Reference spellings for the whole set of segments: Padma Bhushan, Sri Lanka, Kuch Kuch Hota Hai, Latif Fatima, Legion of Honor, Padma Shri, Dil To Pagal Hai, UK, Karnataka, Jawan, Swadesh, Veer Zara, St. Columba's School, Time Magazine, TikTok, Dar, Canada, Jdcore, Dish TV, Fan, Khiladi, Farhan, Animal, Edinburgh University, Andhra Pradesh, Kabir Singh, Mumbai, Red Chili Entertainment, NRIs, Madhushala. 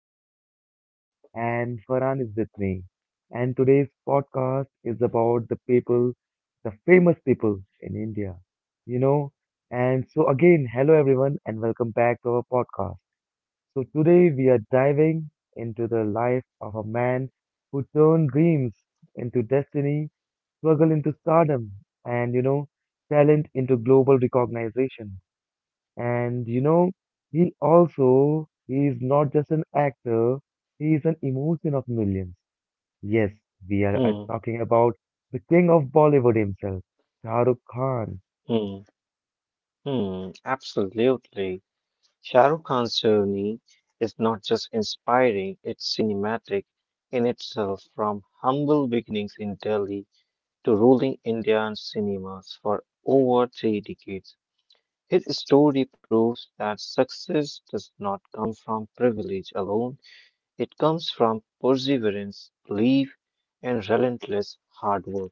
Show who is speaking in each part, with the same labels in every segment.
Speaker 1: host, Lilith, and Farhan is with me. And today's podcast is about the people, the famous people in India, you know. And hello, everyone, and welcome back to our podcast. So, today we are diving into the life of a man who turned dreams into destiny, struggle into stardom, and, talent into global recognition. And you know, he is not just an actor, he is an emotion of millions. Yes, we are
Speaker 2: Hmm,
Speaker 1: talking about the king of Bollywood himself, Shah Rukh Khan.
Speaker 2: hmm, hmm, absolutely. Shah Rukh Khan's journey is not just inspiring, it's cinematic in itself, from humble beginnings in Delhi to ruling Indian cinemas for over three decades. His story proves that success does not come from privilege alone, it comes from perseverance, belief, and relentless hard work.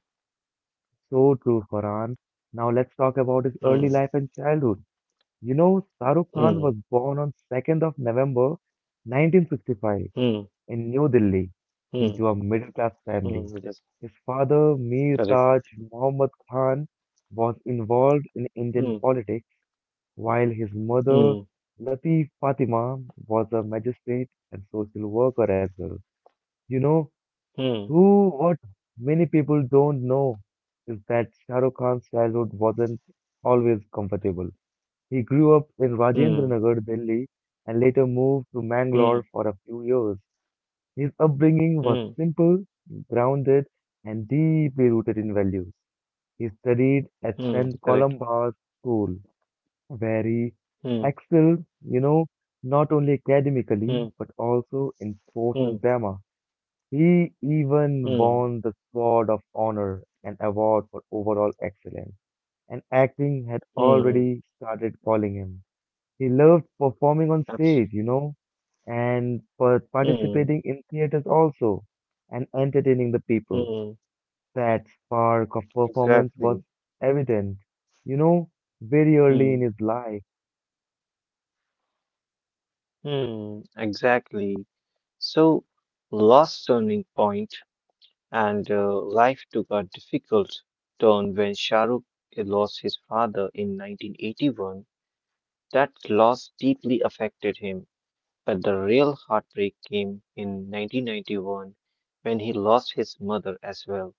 Speaker 1: So true, Farhan. Now let's talk about his
Speaker 2: Hmm,
Speaker 1: early life and childhood. Shah Rukh Khan
Speaker 2: hmm,
Speaker 1: was born on 2nd of November 1965
Speaker 2: hmm,
Speaker 1: in New Delhi
Speaker 2: hmm,
Speaker 1: into a middle-class family.
Speaker 2: hmm, that's
Speaker 1: His father, Mir
Speaker 2: correct.
Speaker 1: Taj Muhammad Khan, was involved in Indian politics, while his mother,
Speaker 2: Hmm.
Speaker 1: Latif Fatima, was a magistrate and social worker as well. You know,
Speaker 2: Hmm.
Speaker 1: what many people don't know is that Shah Rukh Khan's childhood wasn't always comfortable. He grew up in
Speaker 2: Hmm.
Speaker 1: Rajendra Nagar, Delhi, and later moved to
Speaker 2: Hmm.
Speaker 1: Mangalore for a few years. His upbringing was
Speaker 2: Hmm.
Speaker 1: simple, grounded, and deeply rooted in values. He studied at
Speaker 2: mm,
Speaker 1: St.
Speaker 2: Correct.
Speaker 1: Columba's School, very
Speaker 2: Hmm.
Speaker 1: excelled, not only academically,
Speaker 2: Hmm.
Speaker 1: but also in sports
Speaker 2: Hmm.
Speaker 1: and drama. He even
Speaker 2: Hmm.
Speaker 1: won the Sword of Honor, an award for overall excellence, and acting had
Speaker 2: Hmm.
Speaker 1: already started calling him. He loved performing on
Speaker 2: Abs-
Speaker 1: stage, and per
Speaker 2: Hmm.
Speaker 1: participating in theaters also, and entertaining the people.
Speaker 2: Hmm.
Speaker 1: That spark of performance was
Speaker 2: Exactly.
Speaker 1: evident, you know, very early
Speaker 2: Hmm.
Speaker 1: in his life.
Speaker 2: Hmm. Exactly. So, lost turning point and life took a difficult turn when Shahrukh lost his father in 1981. That loss deeply affected him. But the real heartbreak came in 1991 when he lost his mother as well.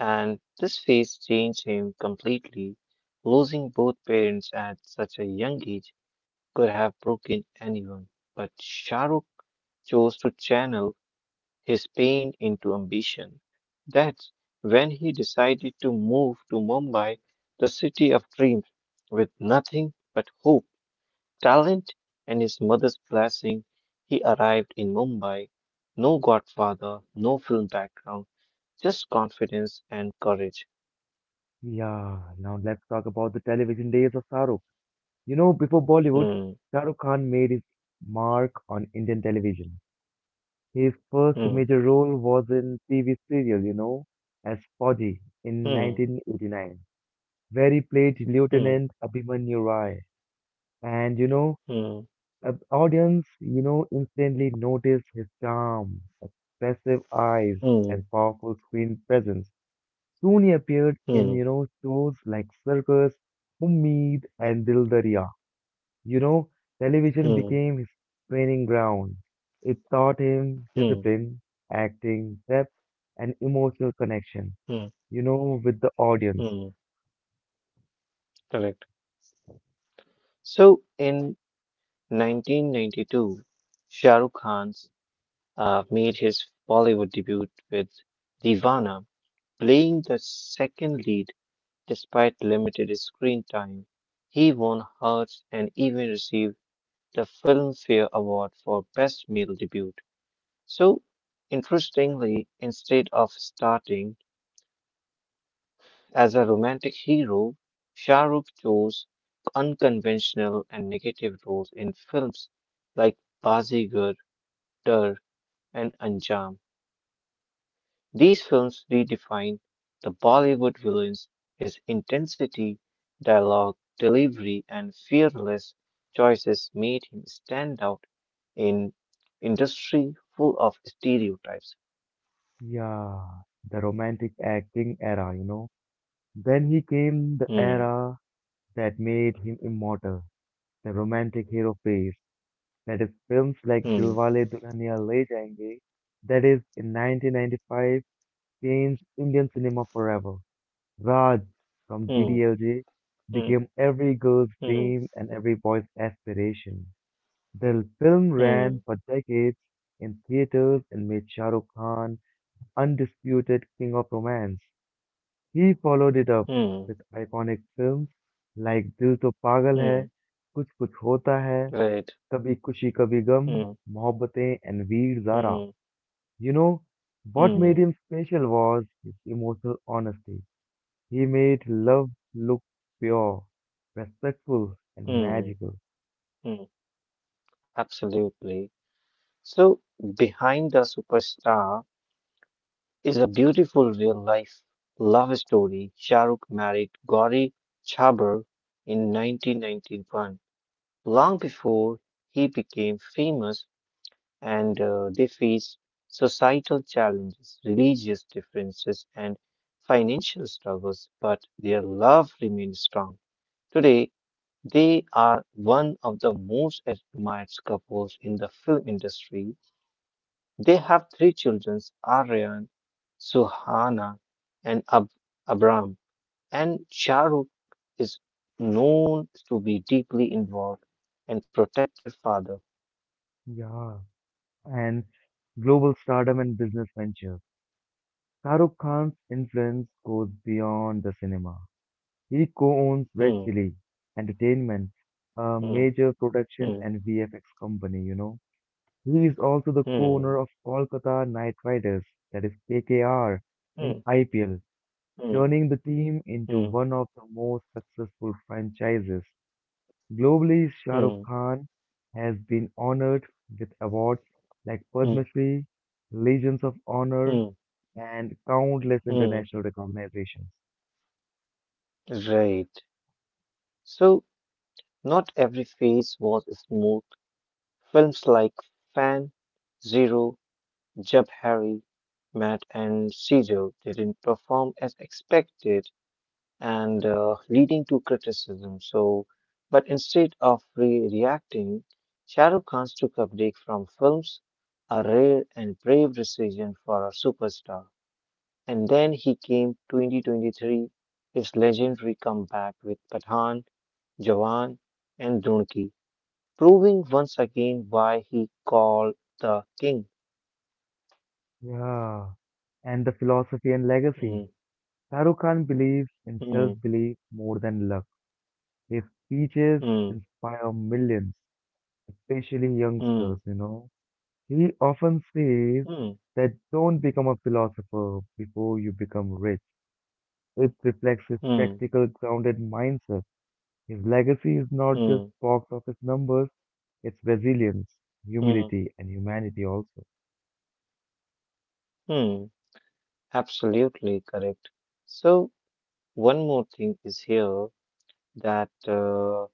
Speaker 2: And this phase changed him completely. Losing both parents at such a young age could have broken anyone. But Shah Rukh chose to channel his pain into ambition. That's when he decided to move to Mumbai, the city of dreams, with nothing but hope talent and his mother's blessing, he arrived in Mumbai. No godfather, no film background, just confidence and courage.
Speaker 1: Yeah, now let's talk about the television days of Shah Rukh. Before Bollywood,
Speaker 2: Hmm,
Speaker 1: Shah Rukh Khan made his mark on Indian television. His first
Speaker 2: hmm,
Speaker 1: major role was in TV serial, as Fauji in
Speaker 2: hmm,
Speaker 1: 1989, where he played
Speaker 2: hmm,
Speaker 1: Lieutenant Abhimanyu Rai. And you know,
Speaker 2: hmm,
Speaker 1: audience, instantly noticed his charm, expressive eyes,
Speaker 2: hmm,
Speaker 1: and powerful screen presence. Soon he appeared in,
Speaker 2: hmm,
Speaker 1: shows like Circus, Ummeed, and Dil. You know, television
Speaker 2: hmm,
Speaker 1: became his training ground. It taught him
Speaker 2: hmm,
Speaker 1: discipline, acting, depth, and emotional connection,
Speaker 2: hmm,
Speaker 1: with the audience.
Speaker 2: hmm. Correct. So in 1992, Shah Rukh Khan made his Bollywood debut with Divana, playing the second lead despite limited screen time. He won hearts and even received the Filmfare Award for Best Male Debut. So, interestingly, instead of starting as a romantic hero, Shah Rukh chose unconventional and negative roles in films like Bazigar, Dar, and Anjam. These films redefine the Bollywood villains, his intensity, dialogue, delivery, and fearless choices made him stand out in industry full of stereotypes.
Speaker 1: Yeah, the romantic acting era, Then he came the
Speaker 2: Hmm,
Speaker 1: era that made him immortal, the romantic hero phase. That is films like
Speaker 2: hmm,
Speaker 1: Dilwale Dulhania Le Jayenge, that is in 1995, changed Indian cinema forever. Raj from
Speaker 2: hmm,
Speaker 1: DDLJ
Speaker 2: hmm,
Speaker 1: became every girl's
Speaker 2: hmm,
Speaker 1: dream and every boy's aspiration. The film ran
Speaker 2: hmm,
Speaker 1: for decades in theaters and made Shah Rukh Khan undisputed king of romance. He followed it up with
Speaker 2: hmm,
Speaker 1: iconic films like Dil To Pagal Hai,
Speaker 2: hmm,
Speaker 1: Kuch Kuch Hota Hai,
Speaker 2: right,
Speaker 1: Kabhi Kushi Kabhi
Speaker 2: hmm,
Speaker 1: Gum, Mohabbatein, and Veer Zara.
Speaker 2: hmm,
Speaker 1: You know, what made
Speaker 2: hmm,
Speaker 1: him special was his emotional honesty. He made love look pure, respectful, and
Speaker 2: hmm,
Speaker 1: magical.
Speaker 2: hmm, absolutely. So behind the superstar is a beautiful real life love story. Shahrukh married Gauri Chhabra in 1991, long before he became famous, and they faced societal challenges, religious differences, and financial struggles, but their love remained strong. Today, they are one of the most admired couples in the film industry they have three children, Aryan, Suhana, and Abram. And Shahrukh is known to be deeply involved and protective father.
Speaker 1: Yeah. And global stardom and business ventures. Shahrukh Khan's influence goes beyond the cinema. He co-owns Red
Speaker 2: Hmm,
Speaker 1: Chili Entertainment, a
Speaker 2: hmm,
Speaker 1: major production
Speaker 2: hmm,
Speaker 1: and VFX company, He is also the co-owner
Speaker 2: hmm,
Speaker 1: of Kolkata Knight Riders, that is KKR, in
Speaker 2: hmm,
Speaker 1: IPL,
Speaker 2: hmm,
Speaker 1: turning the team into
Speaker 2: hmm,
Speaker 1: one of the most successful franchises. Globally, Shah Rukh
Speaker 2: hmm,
Speaker 1: Khan has been honored with awards like
Speaker 2: hmm,
Speaker 1: Padma Shri, Legions of Honor,
Speaker 2: hmm,
Speaker 1: and countless
Speaker 2: hmm.
Speaker 1: international recognitions.
Speaker 2: Right. So, not every phase was smooth. Films like Fan, Zero, Jab Harry, Matt, and Caesar didn't perform as expected and leading to criticism. So, but instead of reacting, Shah Rukh Khan took a break from films, a rare and brave decision for a superstar. And then he came 2023, his legendary comeback with Pathan, Jawan, and Dunki, proving once again why he called the king.
Speaker 1: Yeah. And the philosophy and legacy.
Speaker 2: Mm,
Speaker 1: Shah Rukh Khan believes in
Speaker 2: mm,
Speaker 1: self-belief more than luck. His speeches
Speaker 2: mm,
Speaker 1: inspire millions, especially youngsters,
Speaker 2: mm,
Speaker 1: He often says
Speaker 2: mm,
Speaker 1: that don't become a philosopher before you become rich. It reflects his
Speaker 2: mm,
Speaker 1: practical, grounded mindset. His legacy is not just
Speaker 2: mm,
Speaker 1: box office numbers, it's resilience,
Speaker 2: mm,
Speaker 1: humility, and humanity also.
Speaker 2: mm. Absolutely correct. So, one more thing is here that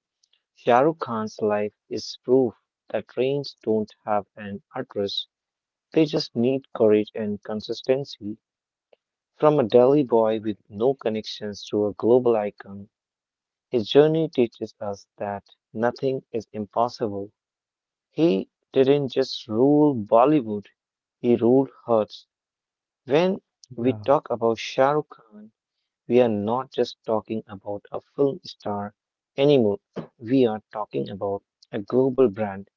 Speaker 2: Shah Rukh Khan's life is proof that trains don't have an address. They just need courage and consistency. From a Delhi boy with no connections to a global icon, his journey teaches us that nothing is impossible. He didn't just rule Bollywood, he ruled hearts. When we
Speaker 1: Yeah,
Speaker 2: talk about Shah Rukh Khan, we are not just talking about a film star anymore. We are talking about a global brand.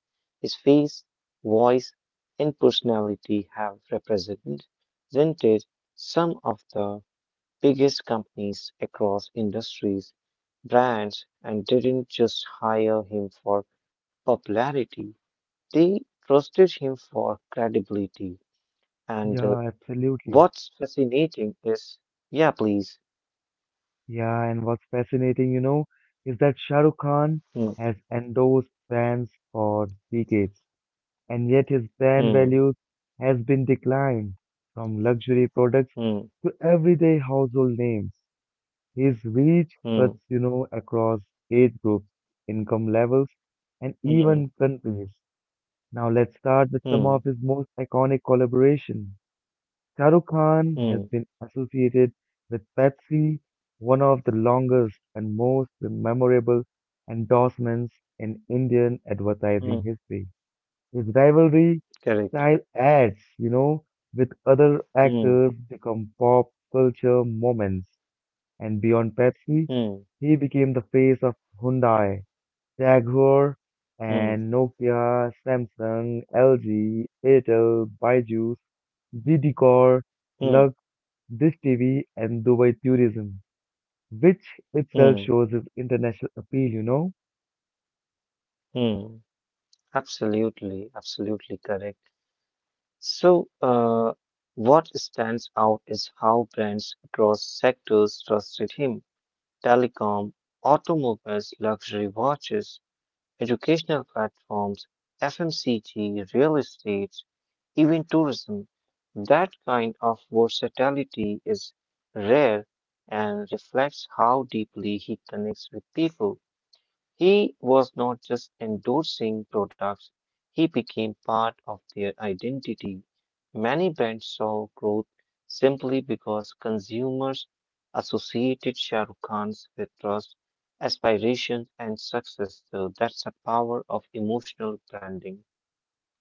Speaker 2: His face, voice, and personality have represented some of the biggest companies across industries. Brands and didn't just hire him for popularity, they trusted him for credibility. And
Speaker 1: yeah, absolutely.
Speaker 2: what's fascinating is, yeah, please.
Speaker 1: Yeah, and what's fascinating, is that Shah Rukh Khan
Speaker 2: Hmm,
Speaker 1: has endorsed brands for decades, and yet his brand
Speaker 2: hmm,
Speaker 1: values has been declined from luxury products
Speaker 2: hmm.
Speaker 1: to everyday household names. His reach cuts,
Speaker 2: Mm,
Speaker 1: across age groups, income levels, and
Speaker 2: mm,
Speaker 1: even countries. Now let's start with some of
Speaker 2: mm,
Speaker 1: his most iconic collaboration. Shah Rukh Khan has
Speaker 2: mm,
Speaker 1: been associated with Pepsi, one of the longest and most memorable endorsements in Indian advertising
Speaker 2: mm.
Speaker 1: history. His rivalry
Speaker 2: Correct.
Speaker 1: style ads, with other
Speaker 2: Mm,
Speaker 1: actors become pop culture moments. And beyond Pepsi,
Speaker 2: mm,
Speaker 1: he became the face of Hyundai, Jaguar,
Speaker 2: mm,
Speaker 1: and Nokia, Samsung, LG, Airtel, Byju's, Jdcore,
Speaker 2: mm,
Speaker 1: Lux, Dish TV, and Dubai Tourism, which itself
Speaker 2: mm,
Speaker 1: shows its international appeal,
Speaker 2: mm. Absolutely, absolutely correct. So, what stands out is how brands across sectors trusted him. Telecom, automobiles, luxury watches, educational platforms, FMCG, real estate, even tourism. That kind of versatility is rare and reflects how deeply he connects with people. He was not just endorsing products, he became part of their identity. Many brands saw growth simply because consumers associated Shah Rukh Khan's with trust, aspirations, and success. So that's the power of emotional branding.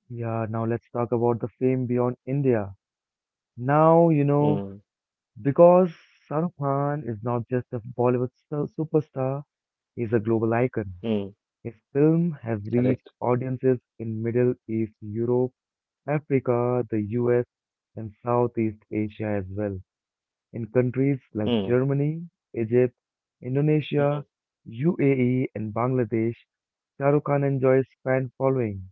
Speaker 1: Yeah, now let's talk about the fame beyond India. Now, you know,
Speaker 2: Hmm,
Speaker 1: because Shahrukh Khan is not just a Bollywood superstar, he's a global icon.
Speaker 2: hmm,
Speaker 1: His film has reached
Speaker 2: correct.
Speaker 1: audiences in Middle East, Europe, Africa, the US, and Southeast Asia as well. In countries like
Speaker 2: Hmm,
Speaker 1: Germany, Egypt,
Speaker 2: hmm,
Speaker 1: Indonesia, UAE, and Bangladesh, Shah Rukh Khan enjoys fan following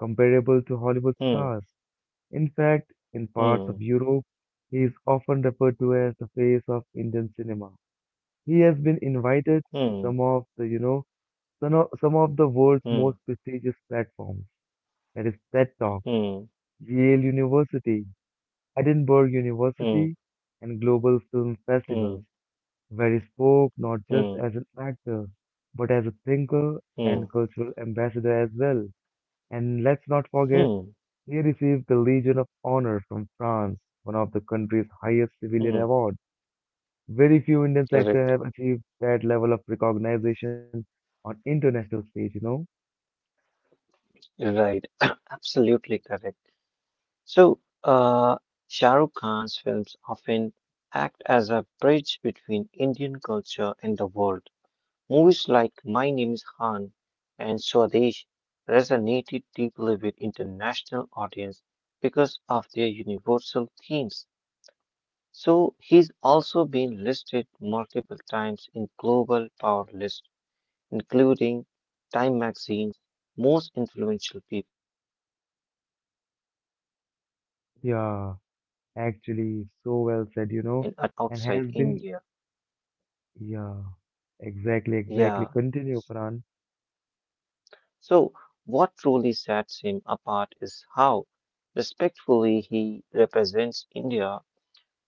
Speaker 1: comparable to Hollywood
Speaker 2: hmm,
Speaker 1: stars. In fact, in parts
Speaker 2: hmm,
Speaker 1: of Europe, he is often referred to as the face of Indian cinema. He has been invited to
Speaker 2: hmm,
Speaker 1: some of the, you know, some of the world's
Speaker 2: hmm,
Speaker 1: most prestigious platforms. That is TED Talk,
Speaker 2: hmm,
Speaker 1: Yale University, Edinburgh
Speaker 2: hmm,
Speaker 1: University, and global film festivals,
Speaker 2: hmm,
Speaker 1: where he spoke not just
Speaker 2: hmm,
Speaker 1: as an actor, but as a thinker and cultural ambassador as well. And let's not
Speaker 2: hmm,
Speaker 1: forget,
Speaker 2: hmm,
Speaker 1: he received the Legion of Honor from France, one of the country's highest civilian
Speaker 2: hmm,
Speaker 1: awards. Very few Indian actors
Speaker 2: correct.
Speaker 1: have achieved that level of recognition on international stage,
Speaker 2: Right, absolutely correct. So, Shah Rukh Khan's films often act as a bridge between Indian culture and the world. Movies like My Name is Khan and Swadesh resonated deeply with international audience because of their universal themes. So, he's also been listed multiple times in global power lists including Time Magazine's most influential people, and has been invited to host and
Speaker 1: Yeah,
Speaker 2: attend global
Speaker 1: actually,
Speaker 2: award
Speaker 1: so well said,
Speaker 2: ceremonies outside
Speaker 1: and has
Speaker 2: India.
Speaker 1: been, yeah, exactly,
Speaker 2: Yeah.
Speaker 1: exactly. Continue, Farhan.
Speaker 2: So, what truly sets him apart is how respectfully he represents India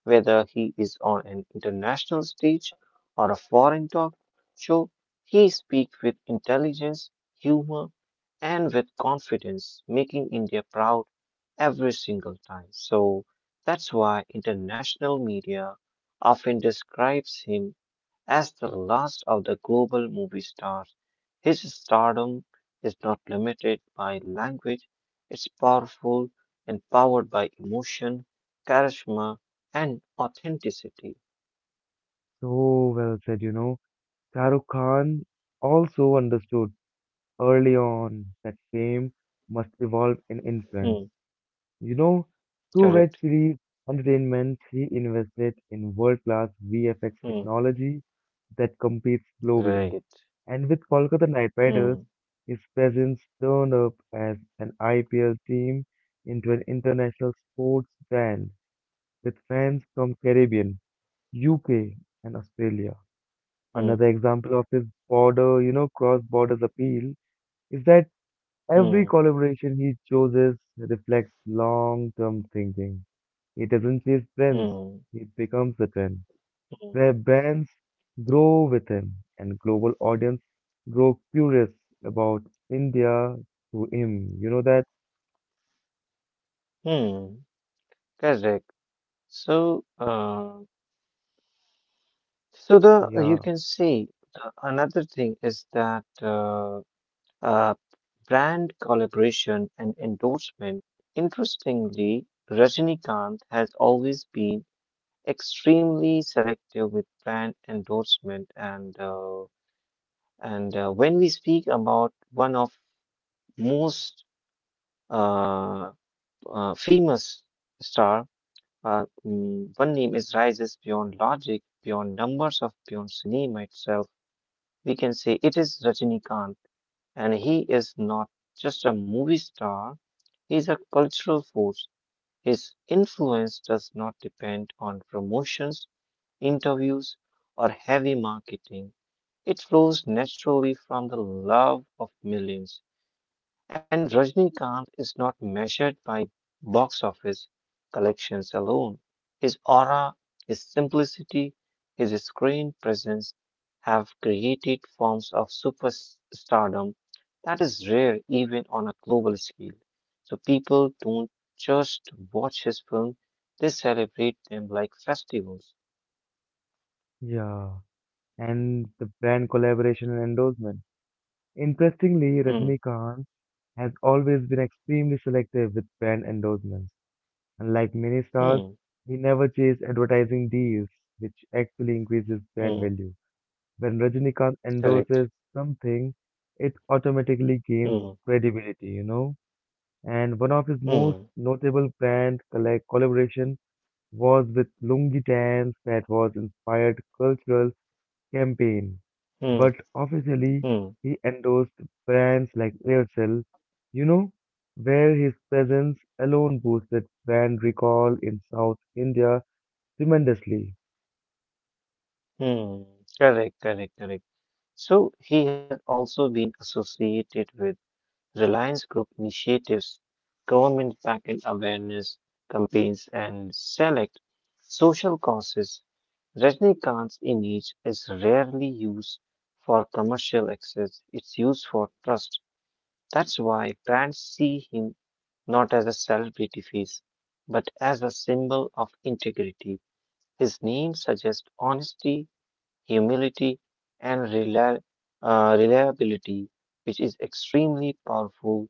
Speaker 2: whether he is on an international stage or a foreign talk show, he speaks with intelligence, humor, and with confidence, making India proud every single time. So that's why international media often describes him as the last of the global movie stars, his stardom is not limited by language, it's powerful and powered by emotion, charisma, and authenticity.
Speaker 1: So well said, Shah Rukh Khan also understood early on that fame must evolve in
Speaker 2: Hmm,
Speaker 1: influence. You know, through
Speaker 2: correct.
Speaker 1: Red Series Entertainment, he invested in world-class VFX
Speaker 2: Hmm,
Speaker 1: technology that competes globally.
Speaker 2: right.
Speaker 1: And with Kolkata Knight
Speaker 2: Hmm,
Speaker 1: Riders, his presence turned up as an IPL team into an international sports brand with fans from Caribbean, UK, and Australia.
Speaker 2: hmm,
Speaker 1: Another example of his border, cross-borders appeal is that every
Speaker 2: hmm,
Speaker 1: collaboration he chooses reflects long-term thinking. He doesn't chase trends;
Speaker 2: hmm,
Speaker 1: he becomes a trend.
Speaker 2: hmm,
Speaker 1: Where brands grow with him, and global audience grow curious about India through him. You know that?
Speaker 2: hmm, correct. So, so the you
Speaker 1: Yeah,
Speaker 2: can see the, another thing is that uh, brand collaboration and endorsement. Interestingly, Rajinikanth has always been extremely selective with brand endorsement, and when we speak about one of most uh, famous star, one name is rises beyond logic, beyond numbers of beyond cinema itself. We can say it is Rajinikanth, and he is not just a movie star. He is a cultural force. His influence does not depend on promotions, interviews, or heavy marketing. It flows naturally from the love of millions. And Rajnikant is not measured by box office collections alone. His aura, his simplicity, his screen presence have created forms of superstardom that is rare even on a global scale. So people don't just watch his film, they celebrate them like festivals.
Speaker 1: yeah. And the brand collaboration and endorsement. Interestingly,
Speaker 2: Hmm,
Speaker 1: Rajinikanth has always been extremely selective with brand endorsements. Unlike many stars,
Speaker 2: hmm,
Speaker 1: he never chased advertising deals, which actually increases brand
Speaker 2: hmm,
Speaker 1: value. When Rajinikanth
Speaker 2: correct.
Speaker 1: endorses something, it automatically gains
Speaker 2: Hmm,
Speaker 1: credibility, And one of his most
Speaker 2: hmm,
Speaker 1: notable brand collaboration was with Lungi Dance that was inspired cultural campaign,
Speaker 2: hmm,
Speaker 1: but officially
Speaker 2: hmm,
Speaker 1: he endorsed brands like Aircel, you know, where his presence alone boosted brand recall in South India tremendously.
Speaker 2: hmm, correct, correct, correct. So he has also been associated with Reliance Group initiatives, government backed awareness campaigns, and select social causes. Rajnikant's image is rarely used for commercial access, it's used for trust. That's why brands see him not as a celebrity face, but as a symbol of integrity. His name suggests honesty humility, and reliability, which is extremely powerful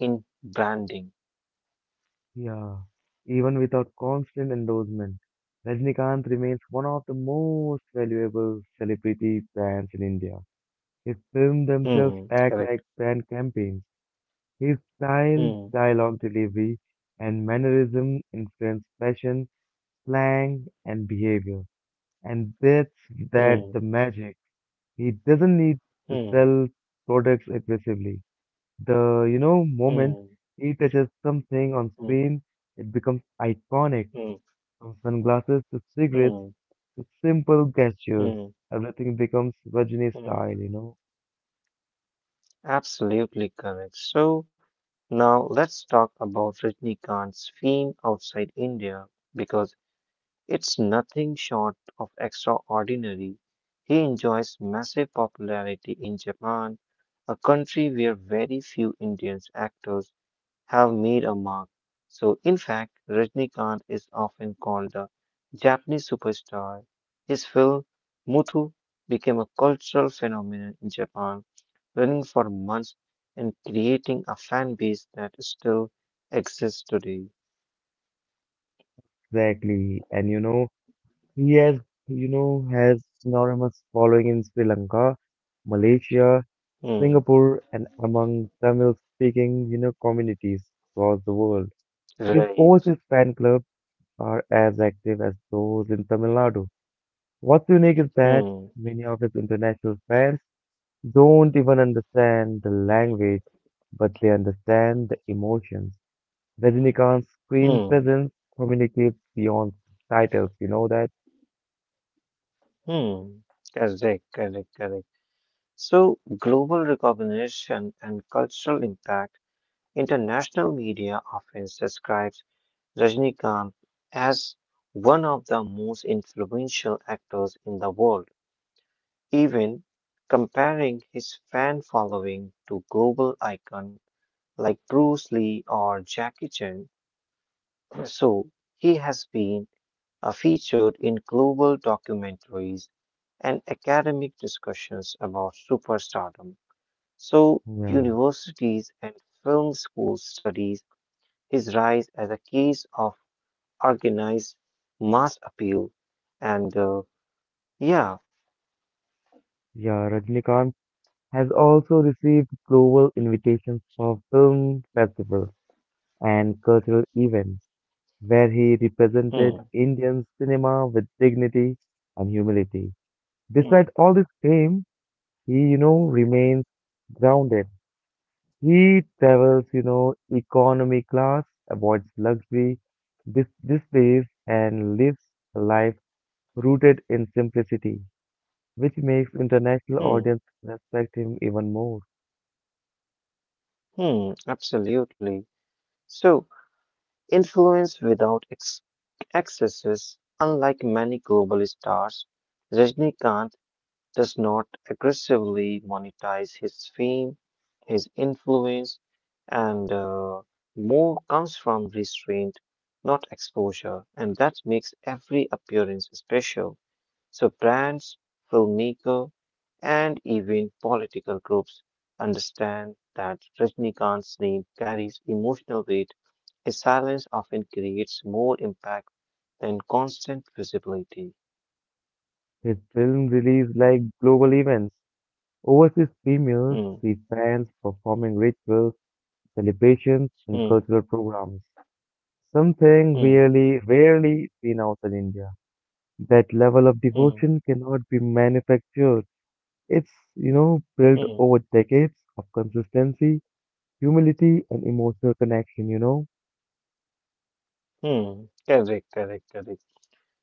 Speaker 2: in branding.
Speaker 1: Yeah, even without constant endorsement, Rajnikant remains one of the most valuable celebrity brands in India. His films themselves
Speaker 2: Hmm,
Speaker 1: act
Speaker 2: correct.
Speaker 1: like brand campaigns. His style,
Speaker 2: Hmm,
Speaker 1: dialogue delivery, and mannerism influence fashion, slang, and behavior. And that's that the
Speaker 2: hmm,
Speaker 1: magic. He doesn't need to
Speaker 2: hmm,
Speaker 1: sell products aggressively. The moment
Speaker 2: hmm,
Speaker 1: he touches something on
Speaker 2: hmm,
Speaker 1: screen, it becomes iconic.
Speaker 2: hmm,
Speaker 1: From sunglasses to cigarettes
Speaker 2: hmm,
Speaker 1: to simple gestures,
Speaker 2: hmm,
Speaker 1: everything becomes Rajini
Speaker 2: hmm.
Speaker 1: style,
Speaker 2: Absolutely correct. So now let's talk about Rajnikanth's fame outside India because it's nothing short of extraordinary. He enjoys massive popularity in Japan, a country where very few Indian actors have made a mark. So, in fact, Rajnikant is often called the Japanese superstar. His film Muthu became a cultural phenomenon in Japan, running for months and creating a fan base that still exists today.
Speaker 1: Exactly. And you know, he has, you know, has enormous following in Sri Lanka, Malaysia,
Speaker 2: Hmm.
Speaker 1: Singapore, and among Tamil-speaking, communities across the world. His overseas
Speaker 2: Right.
Speaker 1: fan clubs are as active as those in Tamil Nadu. What's unique is that
Speaker 2: Hmm.
Speaker 1: many of his international fans don't even understand the language, but they understand the emotions. Rajinikanth's screen
Speaker 2: Hmm.
Speaker 1: presence communicates beyond titles, you know that?
Speaker 2: Hmm. Correct, correct, correct. So, global recognition and cultural impact. International media often describes Rajnikant as one of the most influential actors in the world, even comparing his fan following to global icons like Bruce Lee or Jackie Chan. So, he has been are featured in global documentaries and academic discussions about superstardom. So,
Speaker 1: Yeah.
Speaker 2: universities and film schools studies his rise as a case of organized mass appeal. And yeah,
Speaker 1: Yeah, Rajinikanth has also received global invitations for film festivals and cultural events, where he represented
Speaker 2: hmm,
Speaker 1: Indian cinema with dignity and humility.
Speaker 2: hmm,
Speaker 1: Despite all this fame, he remains grounded. He travels, economy class, avoids luxury, displays, and lives a life rooted in simplicity, which makes international
Speaker 2: hmm,
Speaker 1: audience respect him even more.
Speaker 2: hmm, absolutely. So, influence without excesses, unlike many global stars, Rajnikant does not aggressively monetize his fame, his influence, and more comes from restraint, not exposure, and that makes every appearance special. So brands, filmmaker, and even political groups understand that Rajnikant's name carries emotional weight. His silence often creates more impact than constant visibility.
Speaker 1: His film release like global events, overseas premieres,
Speaker 2: Hmm,
Speaker 1: see fans performing rituals, celebrations, and
Speaker 2: hmm,
Speaker 1: cultural programs. Something
Speaker 2: hmm,
Speaker 1: really rarely seen outside India. That level of
Speaker 2: hmm,
Speaker 1: devotion cannot be manufactured. It's built
Speaker 2: hmm.
Speaker 1: over decades of consistency, humility, and emotional connection,
Speaker 2: Hmm, correct, correct, correct.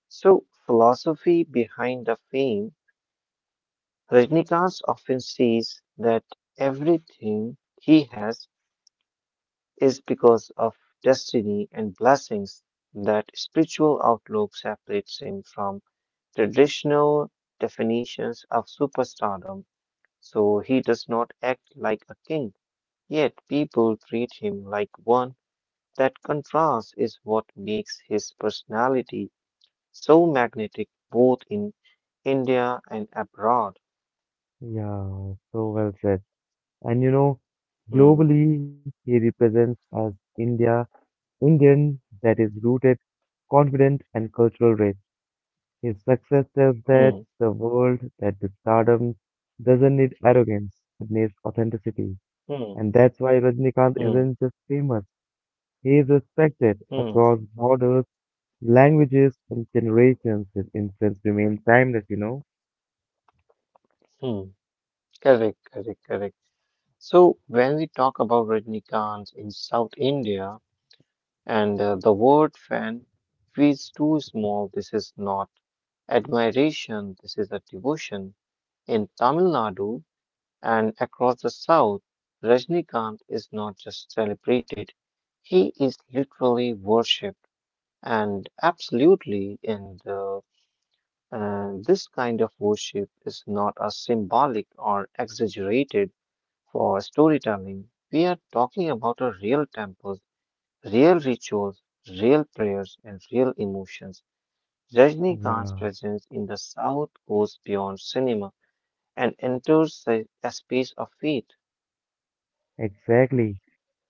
Speaker 2: So, philosophy behind the fame, Rajnikanth often says that everything he has is because of destiny and blessings. That spiritual outlook separates him from traditional definitions of superstardom. So, he does not act like a king, yet people treat him like one. That contrast is what makes his personality so magnetic both in India and abroad.
Speaker 1: Yeah, so well said. And,
Speaker 2: Hmm,
Speaker 1: globally, he represents as India, Indian that is rooted, confident, and cultural rich. His success tells
Speaker 2: hmm,
Speaker 1: that the world that this stardom doesn't need arrogance, it needs authenticity.
Speaker 2: hmm,
Speaker 1: And that's why Rajnikant
Speaker 2: hmm,
Speaker 1: isn't just famous, he is respected
Speaker 2: hmm,
Speaker 1: across borders, languages, and generations. His influence remains timeless,
Speaker 2: hmm. Correct, correct, correct. So when we talk about Rajnikants in South India and the word fan feels too small, this is not admiration, this is a devotion. In Tamil Nadu and across the South, Rajnikant is not just celebrated, he is literally worshipped. And absolutely, in this kind of worship is not a symbolic or exaggerated for storytelling. We are talking about a real temples, real rituals, real prayers, and real emotions. Rajnikant's
Speaker 1: Yeah,
Speaker 2: presence in the South goes beyond cinema and enters the a space of faith.
Speaker 1: exactly.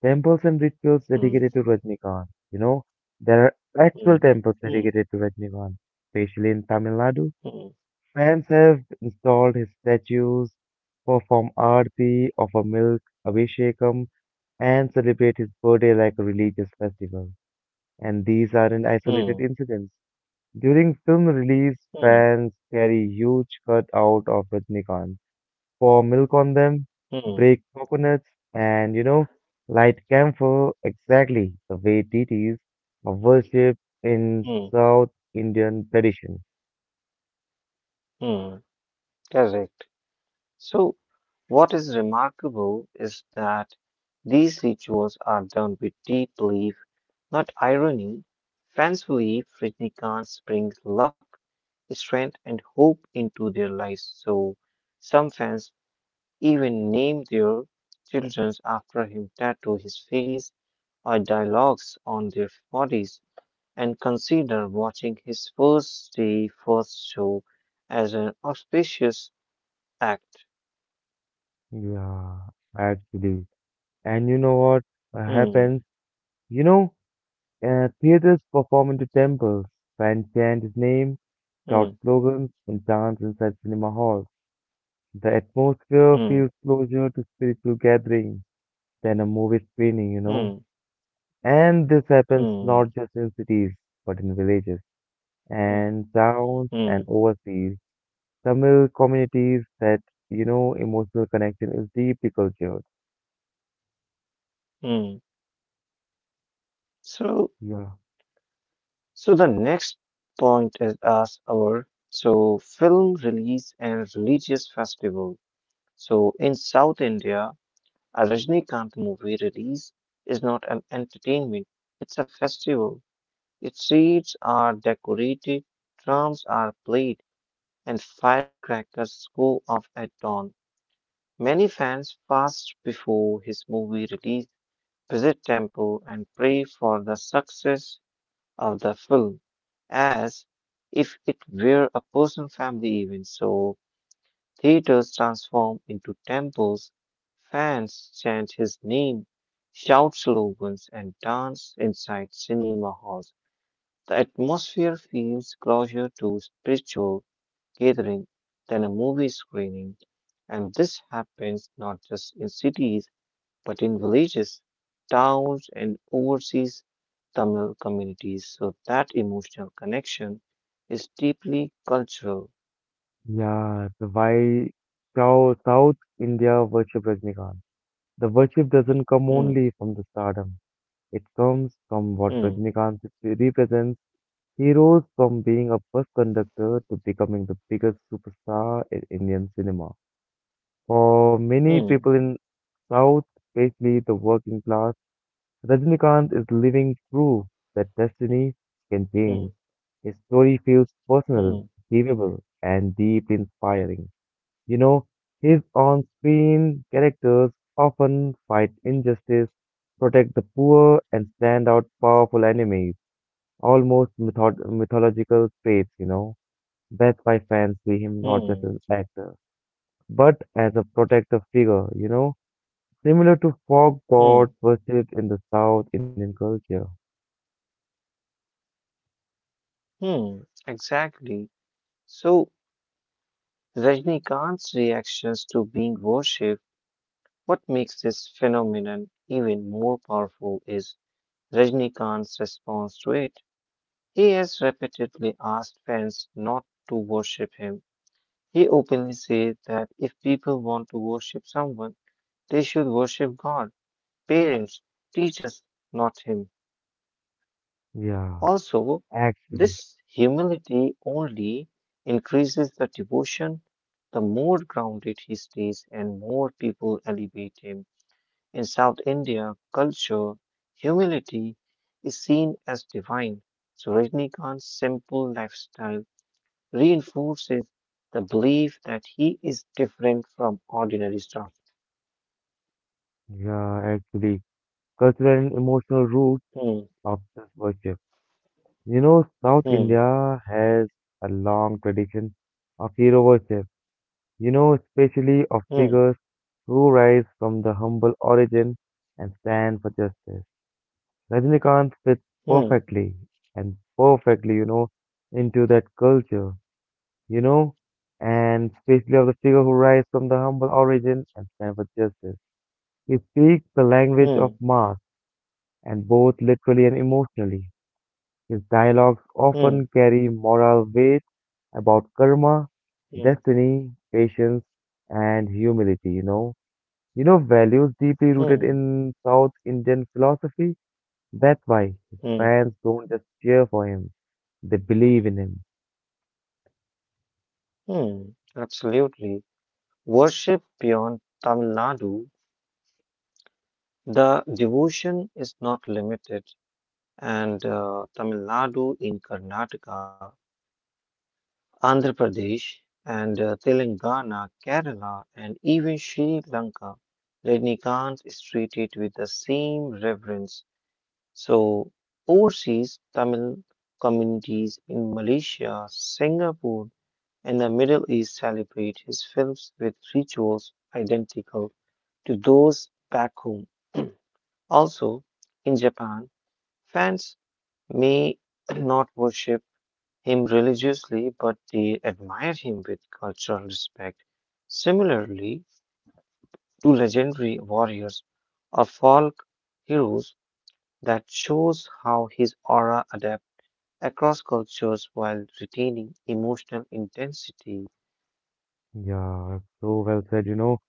Speaker 1: Temples and rituals
Speaker 2: Hmm,
Speaker 1: dedicated to Rajnikant. You know, there are actual
Speaker 2: hmm,
Speaker 1: temples
Speaker 2: hmm,
Speaker 1: dedicated to Rajnikant, especially in Tamil Nadu.
Speaker 2: hmm,
Speaker 1: Fans have installed his statues, perform aarti, offer milk, abhishekam, and celebrate his birthday like a religious festival. And these aren't isolated
Speaker 2: hmm,
Speaker 1: incidents. During film release,
Speaker 2: hmm,
Speaker 1: fans carry huge cutout of Rajnikant, pour milk on them,
Speaker 2: hmm,
Speaker 1: break coconuts, and light camphor exactly the way deities are worshipped in
Speaker 2: hmm, hmm.
Speaker 1: South Indian tradition.
Speaker 2: Hmm. Correct. So, what is remarkable is that these rituals are done with deep belief, not irony. Fancifully, fairy brings luck, strength, and hope into their lives. So, some fans even name their children after him, tattoo his face or dialogues on their bodies, and consider watching his first day, first show as an auspicious act.
Speaker 1: Yeah, actually. And you know what
Speaker 2: Hmm,
Speaker 1: happens? You know, theaters perform into temples, fans chant his name,
Speaker 2: hmm,
Speaker 1: shout slogans, and dance inside cinema halls. The atmosphere
Speaker 2: hmm.
Speaker 1: feels closer to spiritual gatherings than a movie screening,
Speaker 2: Mm,
Speaker 1: And this happens
Speaker 2: mm,
Speaker 1: not just in cities, but in villages
Speaker 2: mm,
Speaker 1: and towns and
Speaker 2: mm,
Speaker 1: overseas. Tamil communities that, emotional connection is deeply cultured.
Speaker 2: mm. So,
Speaker 1: Yeah.
Speaker 2: so the next point is as our so film release and religious festival. So in South India, a Rajinikanth movie release is not an entertainment; it's a festival. Its seats are decorated, drums are played, and firecrackers go off at dawn. Many fans fast before his movie release, visit temple and pray for the success of the film as if it were a personal family event. So theaters transform into temples, fans chant his name, shout slogans, and dance inside cinema halls. The atmosphere feels closer to spiritual gathering than a movie screening. And this happens not just in cities but in villages, towns, and overseas Tamil communities. So that emotional connection is deeply cultural.
Speaker 1: Yeah, the why South India worship Rajnikant. The worship doesn't come
Speaker 2: Hmm,
Speaker 1: only from the stardom. It comes from what
Speaker 2: hmm,
Speaker 1: Rajnikant represents. He rose from being a bus conductor to becoming the biggest superstar in Indian cinema. For many people
Speaker 2: hmm,
Speaker 1: in South, especially the working class, Rajnikant is living proof that destiny can change.
Speaker 2: hmm,
Speaker 1: His story feels personal,
Speaker 2: hmm,
Speaker 1: believable, and deeply inspiring. You know, his on screen characters often fight injustice, protect the poor, and stand out powerful enemies, almost mythological traits, you know. That's why fans see him not just as
Speaker 2: hmm,
Speaker 1: an actor, but as a protective figure, you know, similar to folk gods
Speaker 2: hmm,
Speaker 1: worshipped in the South Indian culture.
Speaker 2: hmm. Exactly. So Rajnikant's reactions to being worshipped, what makes this phenomenon even more powerful is Rajnikant's response to it. He has repeatedly asked fans not to worship him. He openly said that if people want to worship someone, they should worship God, parents, teachers, not him.
Speaker 1: Yeah,
Speaker 2: Also,
Speaker 1: actually,
Speaker 2: this humility only increases the devotion. The more grounded he stays and more people elevate him. In South India culture, humility is seen as divine. So Rajnikant's simple lifestyle reinforces the belief that he is different from ordinary staff.
Speaker 1: yeah, actually, cultural and emotional roots
Speaker 2: Hmm,
Speaker 1: of this worship. You know, South
Speaker 2: hmm,
Speaker 1: India has a long tradition of hero worship, you know, especially of
Speaker 2: hmm,
Speaker 1: figures who rise from the humble origin and stand for justice. Rajinikanth fits
Speaker 2: hmm,
Speaker 1: perfectly you know, into that culture, you know, and especially of the figure who rise from the humble origin and stand for justice. He speaks the language of
Speaker 2: hmm,
Speaker 1: mass and both literally and emotionally. His dialogues
Speaker 2: hmm,
Speaker 1: often carry moral weight about karma,
Speaker 2: hmm,
Speaker 1: destiny, patience, and humility, you know. You know, values deeply rooted
Speaker 2: hmm,
Speaker 1: in South Indian philosophy. That's why his
Speaker 2: hmm,
Speaker 1: fans don't just cheer for him, they believe in him.
Speaker 2: hmm. Absolutely. Worship beyond Tamil Nadu, the devotion is not limited, and Tamil Nadu in Karnataka, Andhra Pradesh, and Telangana, Kerala, and even Sri Lanka, Rajnikant is treated with the same reverence. So, overseas Tamil communities in Malaysia, Singapore, and the Middle East celebrate his films with rituals identical to those back home. Also, in Japan, fans may not worship him religiously, but they admire him with cultural respect. Similarly, to legendary warriors or folk heroes, that shows how his aura adapts across cultures while retaining emotional intensity.
Speaker 1: Yeah, so well said, you know.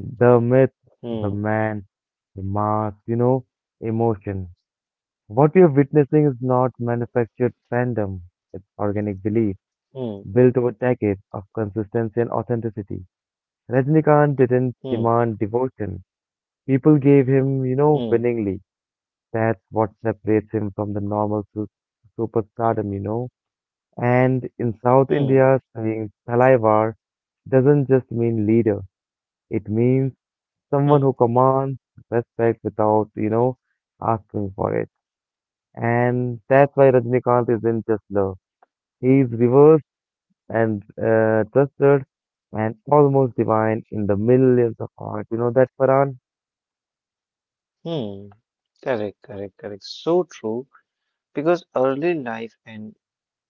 Speaker 1: The myth, the
Speaker 2: Hmm,
Speaker 1: man, the mask, you know, emotion. What we are witnessing is not manufactured fandom, it's organic belief
Speaker 2: hmm,
Speaker 1: built over decades of consistency and authenticity. Rajnikant didn't
Speaker 2: hmm,
Speaker 1: demand devotion. People gave him, you know,
Speaker 2: hmm,
Speaker 1: willingly. That's what separates him from the normal superstardom, you know. And in South
Speaker 2: hmm,
Speaker 1: India, saying Thalaivar doesn't just mean leader. It means someone
Speaker 2: hmm,
Speaker 1: who commands respect without, you know, asking for it. And that's why Rajnikant isn't just love. He's reverse and trusted and almost divine in the millions of hearts. You know that, Farhan?
Speaker 2: hmm. Correct, correct, correct. So true. Because early life and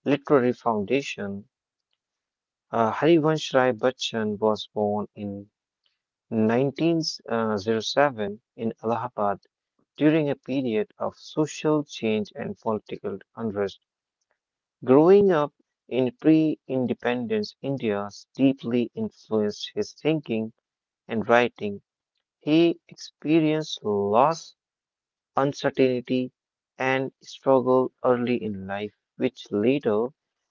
Speaker 2: literary foundation, Harivansh Rai Bachchan was born in 1907 in Allahabad during a period of social change and political unrest. Growing up in pre independence India deeply influenced his thinking and writing. He experienced loss, uncertainty, and struggle early in life, which later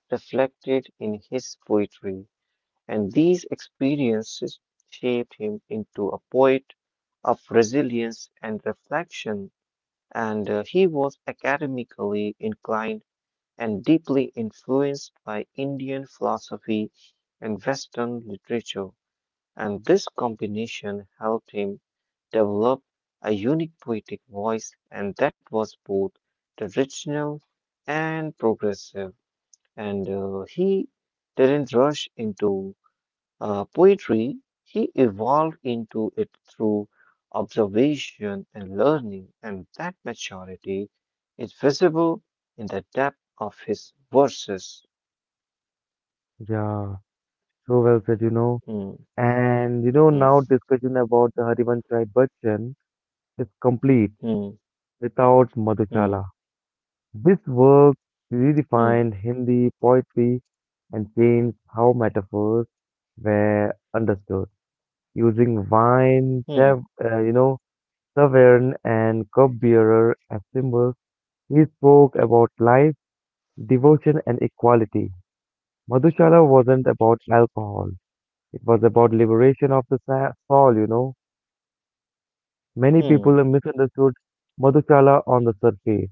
Speaker 2: reflected in his poetry. And these experiences shaped him into a poet of resilience and reflection. And he was academically inclined and deeply influenced by Indian philosophy and Western literature, and this combination helped him develop a unique poetic voice, and that was both traditional and progressive. And he didn't rush into poetry, he evolved into it through observation and learning, and that maturity is visible in the depth of his verses.
Speaker 1: Yeah, so well said, you know.
Speaker 2: Hmm,
Speaker 1: And you know,
Speaker 2: hmm,
Speaker 1: now discussion about the Harivansh Rai Bachchan is complete
Speaker 2: hmm,
Speaker 1: without
Speaker 2: hmm,
Speaker 1: Madhushala. This work redefined Hindi poetry and changed how metaphors were understood. Using wine,
Speaker 2: hmm,
Speaker 1: you know, tavern, and cup bearer as symbols, he spoke about life devotion and equality. Madhushala wasn't about alcohol. It was about liberation of the soul, you know. Many
Speaker 2: hmm,
Speaker 1: people misunderstood Madhushala on the surface,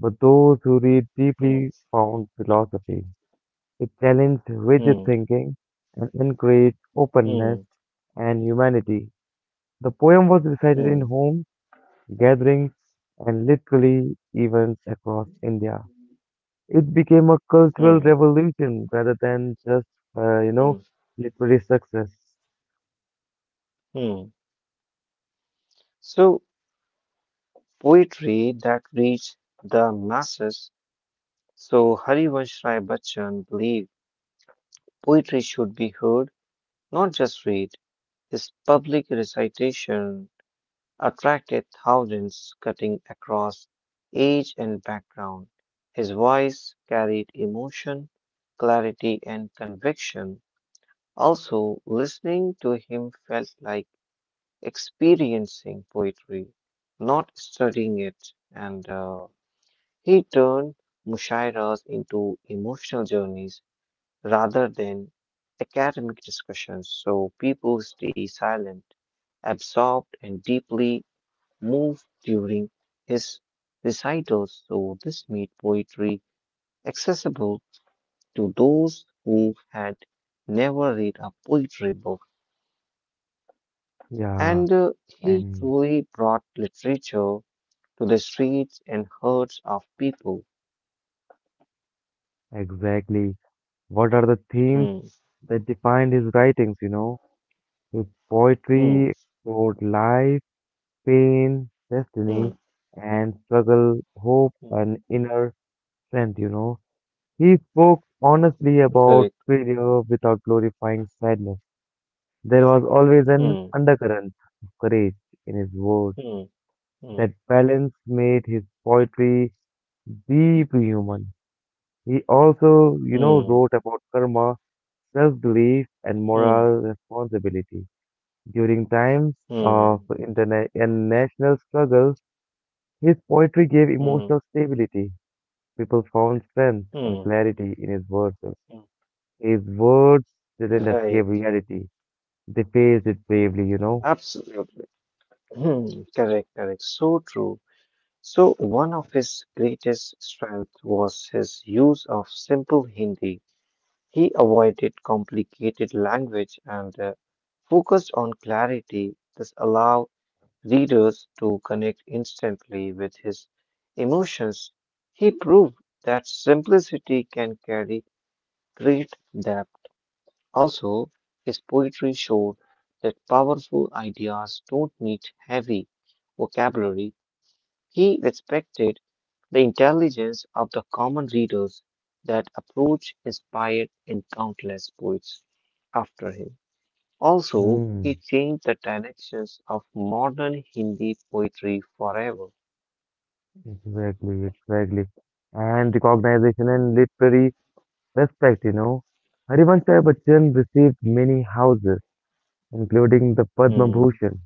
Speaker 1: but those who read
Speaker 2: hmm,
Speaker 1: deeply found philosophy. It challenged rigid
Speaker 2: hmm,
Speaker 1: thinking and encouraged
Speaker 2: hmm, hmm,
Speaker 1: openness and humanity. The poem was recited in
Speaker 2: hmm,
Speaker 1: homes, gatherings, and literally events across India. It became a cultural
Speaker 2: hmm,
Speaker 1: revolution rather than just, you
Speaker 2: hmm,
Speaker 1: know, literary success.
Speaker 2: hmm. So, poetry that reached the masses. So, Harivansh Rai Bachchan believed poetry should be heard, not just read. His public recitation attracted thousands cutting across age and background. His voice carried emotion, clarity, and conviction. Also, listening to him felt like experiencing poetry, not studying it. And he turned mushairas into emotional journeys rather than academic discussions, so people stay silent, absorbed, and deeply moved during his recitals. So, this made poetry accessible to those who had never read a poetry book.
Speaker 1: Yeah,
Speaker 2: And he
Speaker 1: and
Speaker 2: truly brought literature to the streets and hearts of people.
Speaker 1: exactly. What are the themes
Speaker 2: Hmm,
Speaker 1: that defined his writings, you know? His
Speaker 2: hmm,
Speaker 1: poetry explored life, pain,
Speaker 2: hmm,
Speaker 1: destiny, and struggle, hope,
Speaker 2: hmm.
Speaker 1: and inner strength, you know? He spoke honestly about
Speaker 2: Correct.
Speaker 1: failure without glorifying sadness. There was always an
Speaker 2: Hmm,
Speaker 1: undercurrent of courage in his words.
Speaker 2: hmm,
Speaker 1: That
Speaker 2: hmm,
Speaker 1: balance made his poetry deeply human. He also, you know,
Speaker 2: hmm,
Speaker 1: wrote about karma, self belief, and
Speaker 2: hmm,
Speaker 1: moral responsibility. During times of
Speaker 2: hmm.
Speaker 1: interna- and national struggle, his poetry gave
Speaker 2: Mm,
Speaker 1: emotional stability. People found strength and
Speaker 2: mm,
Speaker 1: clarity in his verses.
Speaker 2: mm.
Speaker 1: His words didn't escape
Speaker 2: Right,
Speaker 1: reality, they faced it bravely, you know.
Speaker 2: absolutely. Hmm. Correct, correct. So true. So, one of his greatest strengths was his use of simple Hindi. He avoided complicated language and focused on clarity. This allowed readers to connect instantly with his emotions. He proved that simplicity can carry great depth. Also, his poetry showed that powerful ideas don't need heavy vocabulary. He respected the intelligence of the common readers. That approach inspired in countless poets after him. Also,
Speaker 1: Hmm,
Speaker 2: he changed the directions of modern Hindi poetry forever.
Speaker 1: exactly, exactly. And recognition and literary respect, you know. Harivansh Rai Bachchan received many houses, including the Padma
Speaker 2: Hmm.
Speaker 1: Bhushan.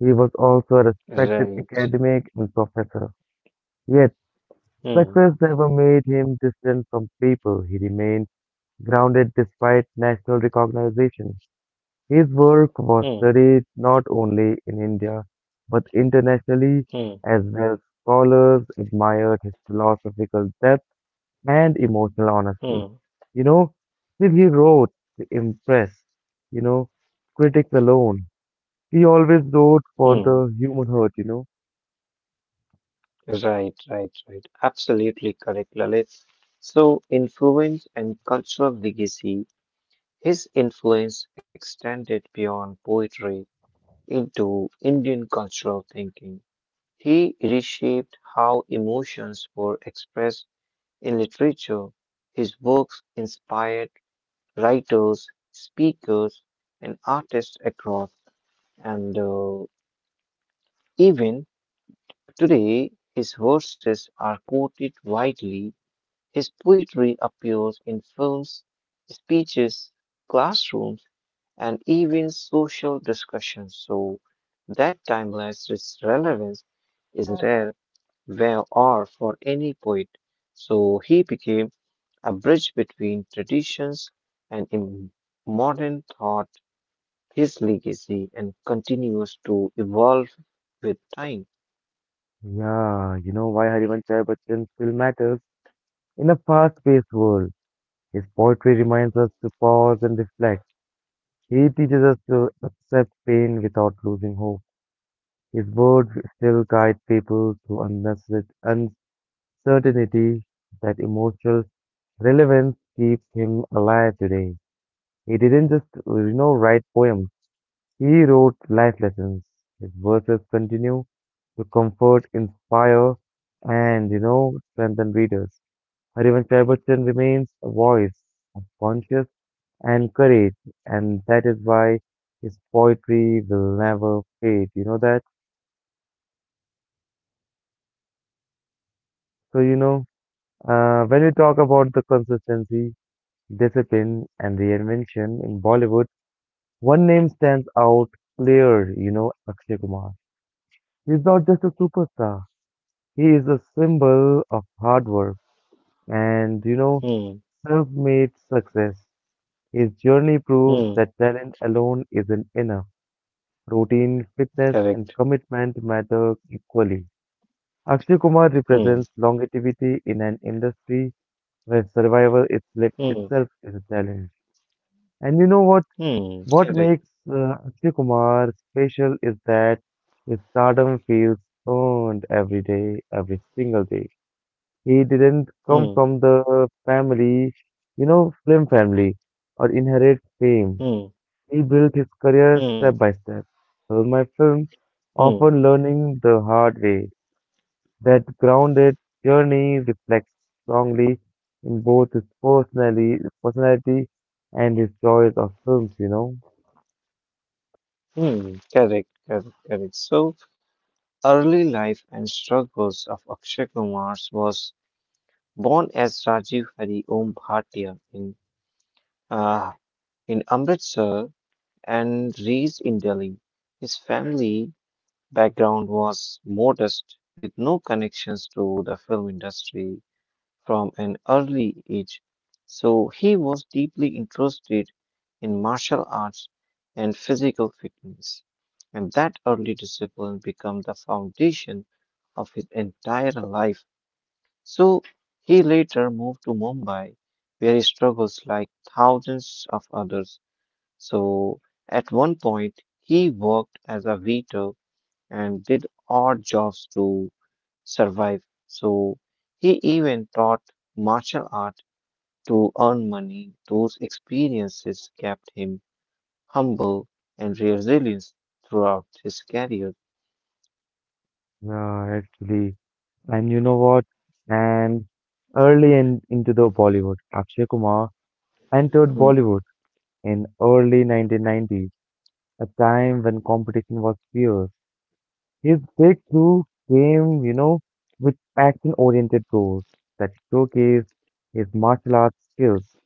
Speaker 1: He was also a respected
Speaker 2: Right.
Speaker 1: academic and professor. Yet,
Speaker 2: Hmm.
Speaker 1: success never made him distant from people. He remained grounded despite national recognition. His work was
Speaker 2: Hmm.
Speaker 1: studied not only in India but internationally
Speaker 2: Hmm.
Speaker 1: as well. Scholars admired his philosophical depth and emotional honesty.
Speaker 2: Hmm.
Speaker 1: You know, still he wrote to impress, you know, critics alone. He always wrote for
Speaker 2: Hmm.
Speaker 1: the human heart, you know.
Speaker 2: Right, right, right. Absolutely correct, Lalit. So, influence and cultural legacy. His influence extended beyond poetry into Indian cultural thinking. He reshaped how emotions were expressed in literature. His works inspired writers, speakers, and artists across. And even today, his verses are quoted widely. His poetry appears in films, speeches, classrooms, and even social discussions, so that timeless relevance is rare where or for any poet. So he became a bridge between traditions and modern thought. His legacy and continues to evolve with time.
Speaker 1: Yeah, you know why Harivansh Rai Bachchan still matters. In a fast-paced world, his poetry reminds us to pause and reflect. He teaches us to accept pain without losing hope. His words still guide people through unnecessary uncertainty that emotional relevance keeps him alive today. He didn't just, you know, write poems. He wrote life lessons. His verses continue to comfort, inspire, and, you know, strengthen readers. Harivansh Rai Bachchan remains a voice of conscience and courage, and that is why his poetry will never fade. You know that? So, you know, when we talk about the consistency, discipline, and reinvention in Bollywood, one name stands out clear, you know, Akshay Kumar. He's not just a superstar, he is a symbol of hard work and, you know,
Speaker 2: Hmm.
Speaker 1: self made success. His journey proves
Speaker 2: Hmm.
Speaker 1: that talent alone isn't enough. Routine, fitness, and
Speaker 2: Correct.
Speaker 1: commitment matter equally. Akshay Kumar
Speaker 2: Hmm.
Speaker 1: represents longevity in an industry where survival itself
Speaker 2: Hmm.
Speaker 1: itself is a challenge. And you know what?
Speaker 2: Hmm.
Speaker 1: What
Speaker 2: Correct.
Speaker 1: makes Akshay Kumar special is that his stardom feels earned every day, every single day. He didn't come
Speaker 2: Hmm.
Speaker 1: from the family, you know, film family or inherit fame.
Speaker 2: Hmm.
Speaker 1: He built his career
Speaker 2: Hmm,
Speaker 1: step by step. So my films
Speaker 2: hmm,
Speaker 1: often learning the hard way. That grounded journey reflects strongly in both his personality and his choice of films, you know.
Speaker 2: hmm. Correct, correct, correct. So, early life and struggles of Akshay Kumar was born as Rajiv Hari Om Bhatia in uh, Amritsar and raised in Delhi. His family background was modest, with no connections to the film industry. From an early age, so he was deeply interested in martial arts and physical fitness. And that early discipline became the foundation of his entire life. So he later moved to Mumbai, where he struggles like thousands of others. So at one point, he worked as a waiter and did odd jobs to survive. So he even taught martial art to earn money, those experiences kept him humble and resilient throughout his career.
Speaker 1: Yeah, actually. And you know what? And Early in, into the Bollywood, Akshay Kumar entered
Speaker 2: Mm,
Speaker 1: Bollywood in early 1990s, a time when competition was fierce. His breakthrough came, you know, with action-oriented roles that showcased his martial arts skills.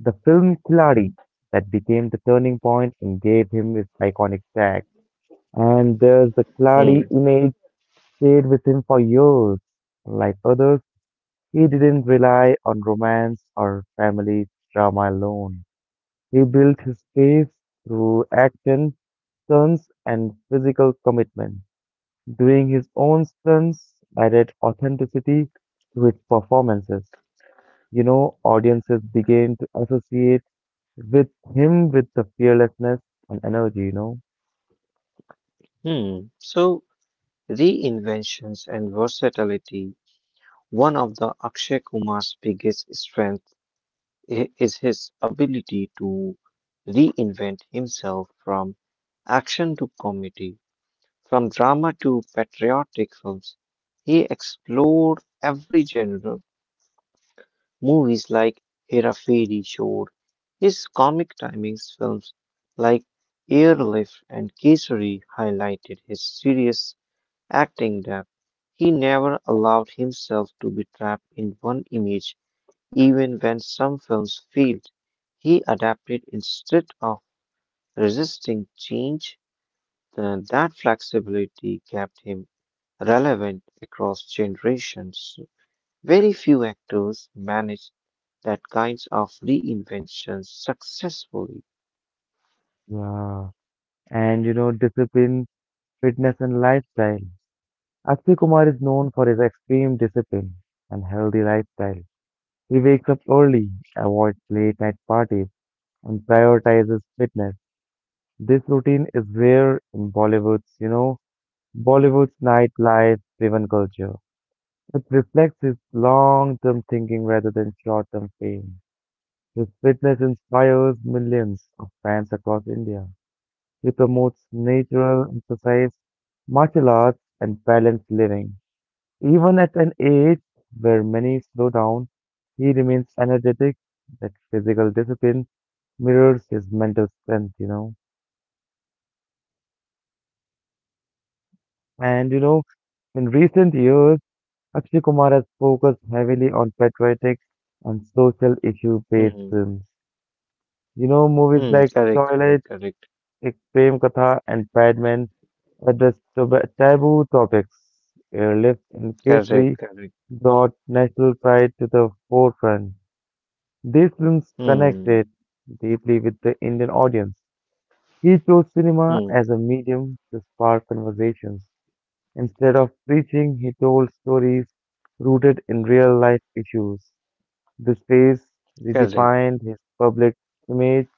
Speaker 1: The film Khiladi that became the turning point and gave him his iconic tag. And there's the Khiladi
Speaker 2: mm,
Speaker 1: image stayed with him for years. Like others, he didn't rely on romance or family drama alone. He built his face through action stunts and physical commitment. Doing his own stunts added authenticity to his performances. You know, audiences began to associate with him with the fearlessness and energy, you know.
Speaker 2: mm. So, reinventions and versatility. One of the Akshay Kumar's biggest strengths is his ability to reinvent himself from action to comedy, from drama to patriotic films. He explored every genre. Movies like Hera Fairy showed his comic timings, films like Airlift and Kesari highlighted his serious acting depth. He never allowed himself to be trapped in one image, even when some films failed. He adapted instead of resisting change. That flexibility kept him relevant across generations. Very few actors manage that kinds of reinventions successfully.
Speaker 1: Yeah. And you know, discipline, fitness and lifestyle. Akshay Kumar is known for his extreme discipline and healthy lifestyle. He wakes up early, avoids late night parties, and prioritizes fitness. This routine is rare in Bollywood's nightlife driven culture. It reflects his long term thinking rather than short term fame. His fitness inspires millions of fans across India. He promotes natural exercise, martial arts, and balanced living. Even at an age where many slow down, he remains energetic. That physical discipline mirrors his mental strength, you know. And you know, in recent years, Akshay Kumar has focused heavily on patriotic and social issue based
Speaker 2: Hmm.
Speaker 1: films. You know, movies
Speaker 2: Hmm.
Speaker 1: like
Speaker 2: Correct.
Speaker 1: Toilet,
Speaker 2: Correct. Correct.
Speaker 1: Ek Prem Katha, and Padman address taboo topics. Airlift and K3
Speaker 2: Correct. Correct.
Speaker 1: brought national pride to the forefront. These films
Speaker 2: Hmm.
Speaker 1: connected deeply with the Indian audience. He chose cinema
Speaker 2: Hmm.
Speaker 1: as a medium to spark conversations. Instead of preaching, he told stories rooted in real life issues. This phase
Speaker 2: Correct.
Speaker 1: redefined his public image.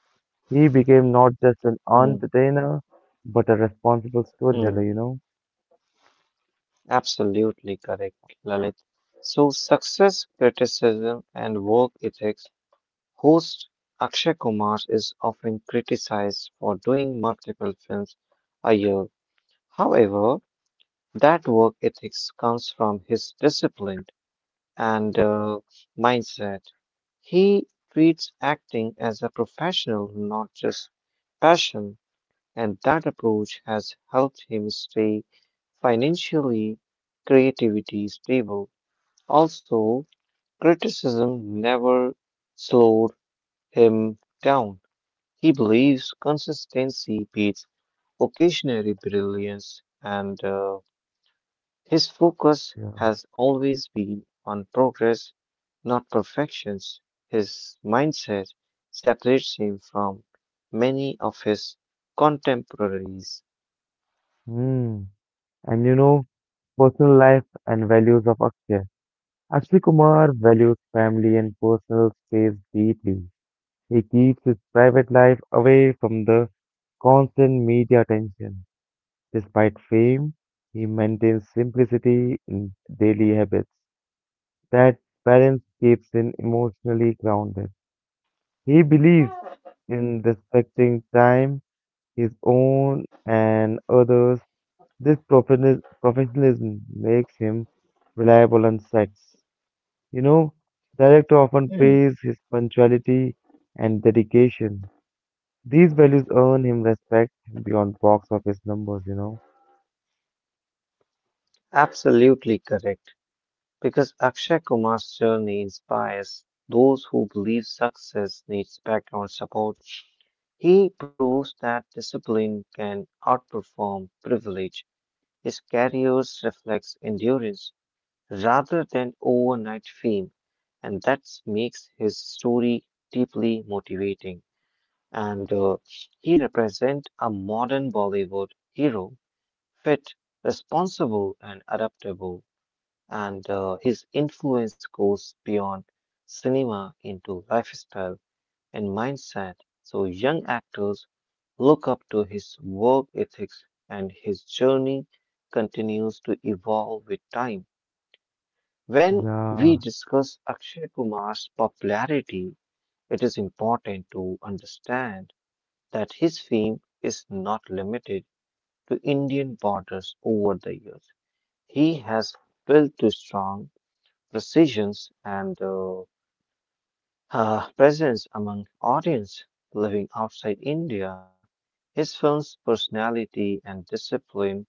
Speaker 1: He became not just an
Speaker 2: Hmm.
Speaker 1: entertainer, but a responsible
Speaker 2: Hmm.
Speaker 1: storyteller, you know?
Speaker 2: Absolutely correct, Lalit. So, success, criticism, and work ethics. Host Akshay Kumar is often criticized for doing multiple films a year. However, that work ethics comes from his discipline and mindset. He treats acting as a professional, not just passion, and that approach has helped him stay financially creativity stable. Also, criticism never slowed him down. He believes consistency beats occasionary brilliance and his focus
Speaker 1: Yeah.
Speaker 2: has always been on progress, not perfections. His mindset separates him from many of his contemporaries.
Speaker 1: Hmm. And you know, personal life and values of Akshay. Akshay Kumar values family and personal space deeply. He keeps his private life away from the constant media attention. Despite fame, he maintains simplicity in daily habits. That balance keeps him emotionally grounded. He believes in respecting time, his own and others. This professionalism makes him reliable on sets. You know, director often
Speaker 2: Hmm,
Speaker 1: praise his punctuality and dedication. These values earn him respect beyond box office numbers, you know.
Speaker 2: absolutely correct. Because Akshay Kumar's journey inspires those who believe success needs background support. He proves that discipline can outperform privilege. His career reflects endurance rather than overnight fame, and that makes his story deeply motivating. And he represents a modern Bollywood hero, fit, responsible, and adaptable. And his influence goes beyond cinema into lifestyle and mindset. So young actors look up to his work ethics, and his journey continues to evolve with time. When we
Speaker 1: Yeah,
Speaker 2: discuss Akshay Kumar's popularity, it is important to understand that his fame is not limited to Indian borders over the years. He has built to strong precisions and presence among audience living outside India. His film's personality and discipline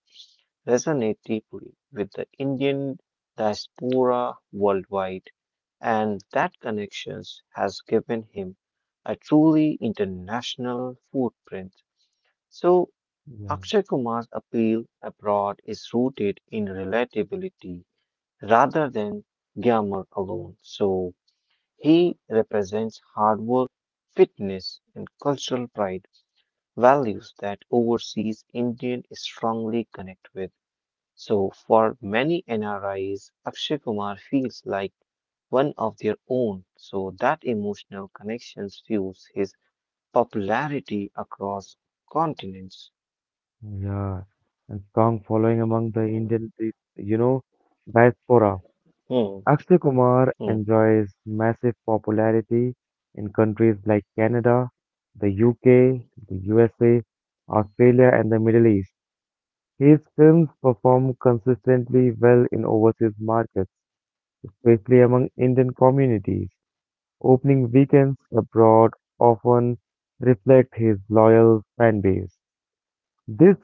Speaker 2: resonate deeply with the Indian diaspora worldwide, and that connections has given him a truly international footprint. So,
Speaker 1: yeah,
Speaker 2: Akshay Kumar's appeal abroad is rooted in relatability rather than glamour alone. So, he represents hard work, fitness, and cultural pride, values that overseas Indians strongly connect with. So for many NRIs, Akshay Kumar feels like one of their own. So that emotional connection fuels his popularity across continents.
Speaker 1: yeah. And strong following among the Indian, you know, diaspora.
Speaker 2: Hmm,
Speaker 1: Akshay Kumar
Speaker 2: hmm,
Speaker 1: enjoys massive popularity in countries like Canada, the UK, the USA, Australia, and the Middle East. His films perform consistently well in overseas markets, especially among Indian communities. Opening weekends abroad often reflect his loyal fan base. This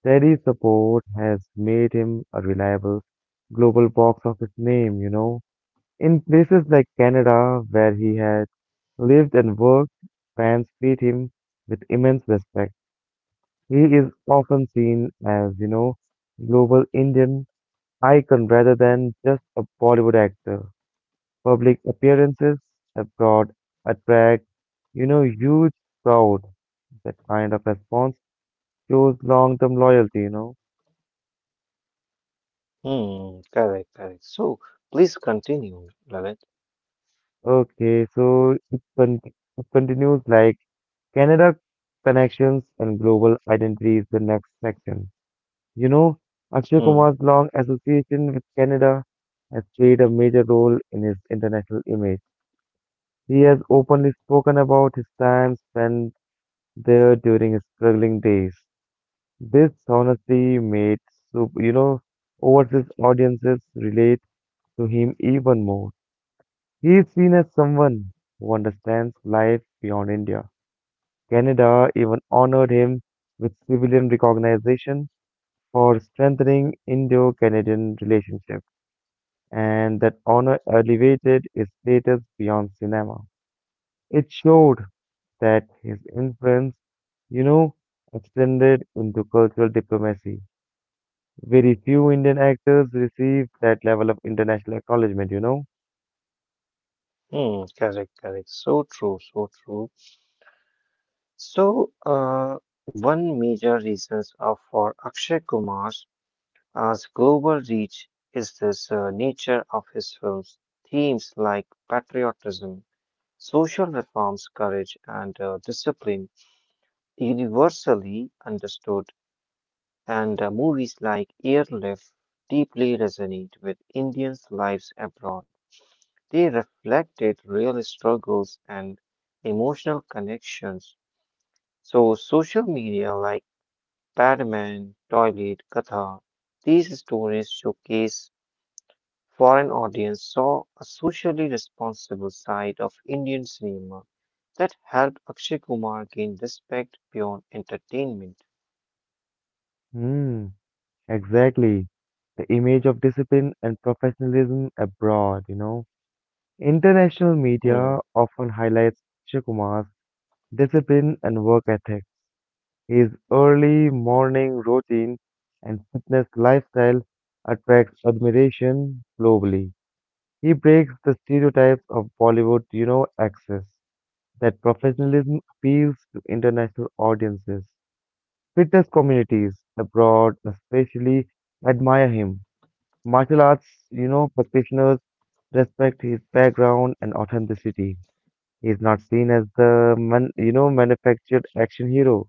Speaker 1: steady support has made him a reliable global box office name, you know. In places like Canada, where he had lived and worked, fans treat him with immense respect. He is often seen as, you know, global Indian icon rather than just a Bollywood actor. Public appearances abroad attract, you know, huge crowd. That kind of response shows long-term loyalty, you know.
Speaker 2: hmm. Correct, correct. So please continue, Lalit.
Speaker 1: Okay, so it continues like Canada connections and global identity is the next section. You know, Akshay
Speaker 2: Hmm,
Speaker 1: Kumar's long association with Canada has played a major role in his international image. He has openly spoken about his time spent there during his struggling days. This honesty made, so, you know, overseas audiences relate to him even more. He is seen as someone who understands life beyond India. Canada even honored him with civilian recognition for strengthening Indo-Canadian relationships, and that honor elevated his status beyond cinema. It showed that his influence, you know, extended into cultural diplomacy. Very few Indian actors receive that level of international acknowledgement, you know?
Speaker 2: hmm. Correct, correct. So true, so true. So one major reasons are for Akshay Kumar's As global reach is this nature of his films, themes like patriotism, social reforms, courage, and discipline universally understood, and movies like Airlift deeply resonate with Indians' lives abroad. They reflected real struggles and emotional connections. So, social media like Padman, Toilet, Katha, these stories showcase foreign audience saw a socially responsible side of Indian cinema that helped Akshay Kumar gain respect beyond entertainment.
Speaker 1: Hmm, exactly. The image of discipline and professionalism abroad, you know? International media
Speaker 2: Hmm,
Speaker 1: often highlights Akshay Kumar's discipline and work ethic. His early morning routine and fitness lifestyle attracts admiration globally. He breaks the stereotypes of Bollywood, you know, access that professionalism appeals to international audiences. Fitness communities abroad especially admire him. Martial arts, you know, practitioners respect his background and authenticity. He's not seen as the manufactured action hero.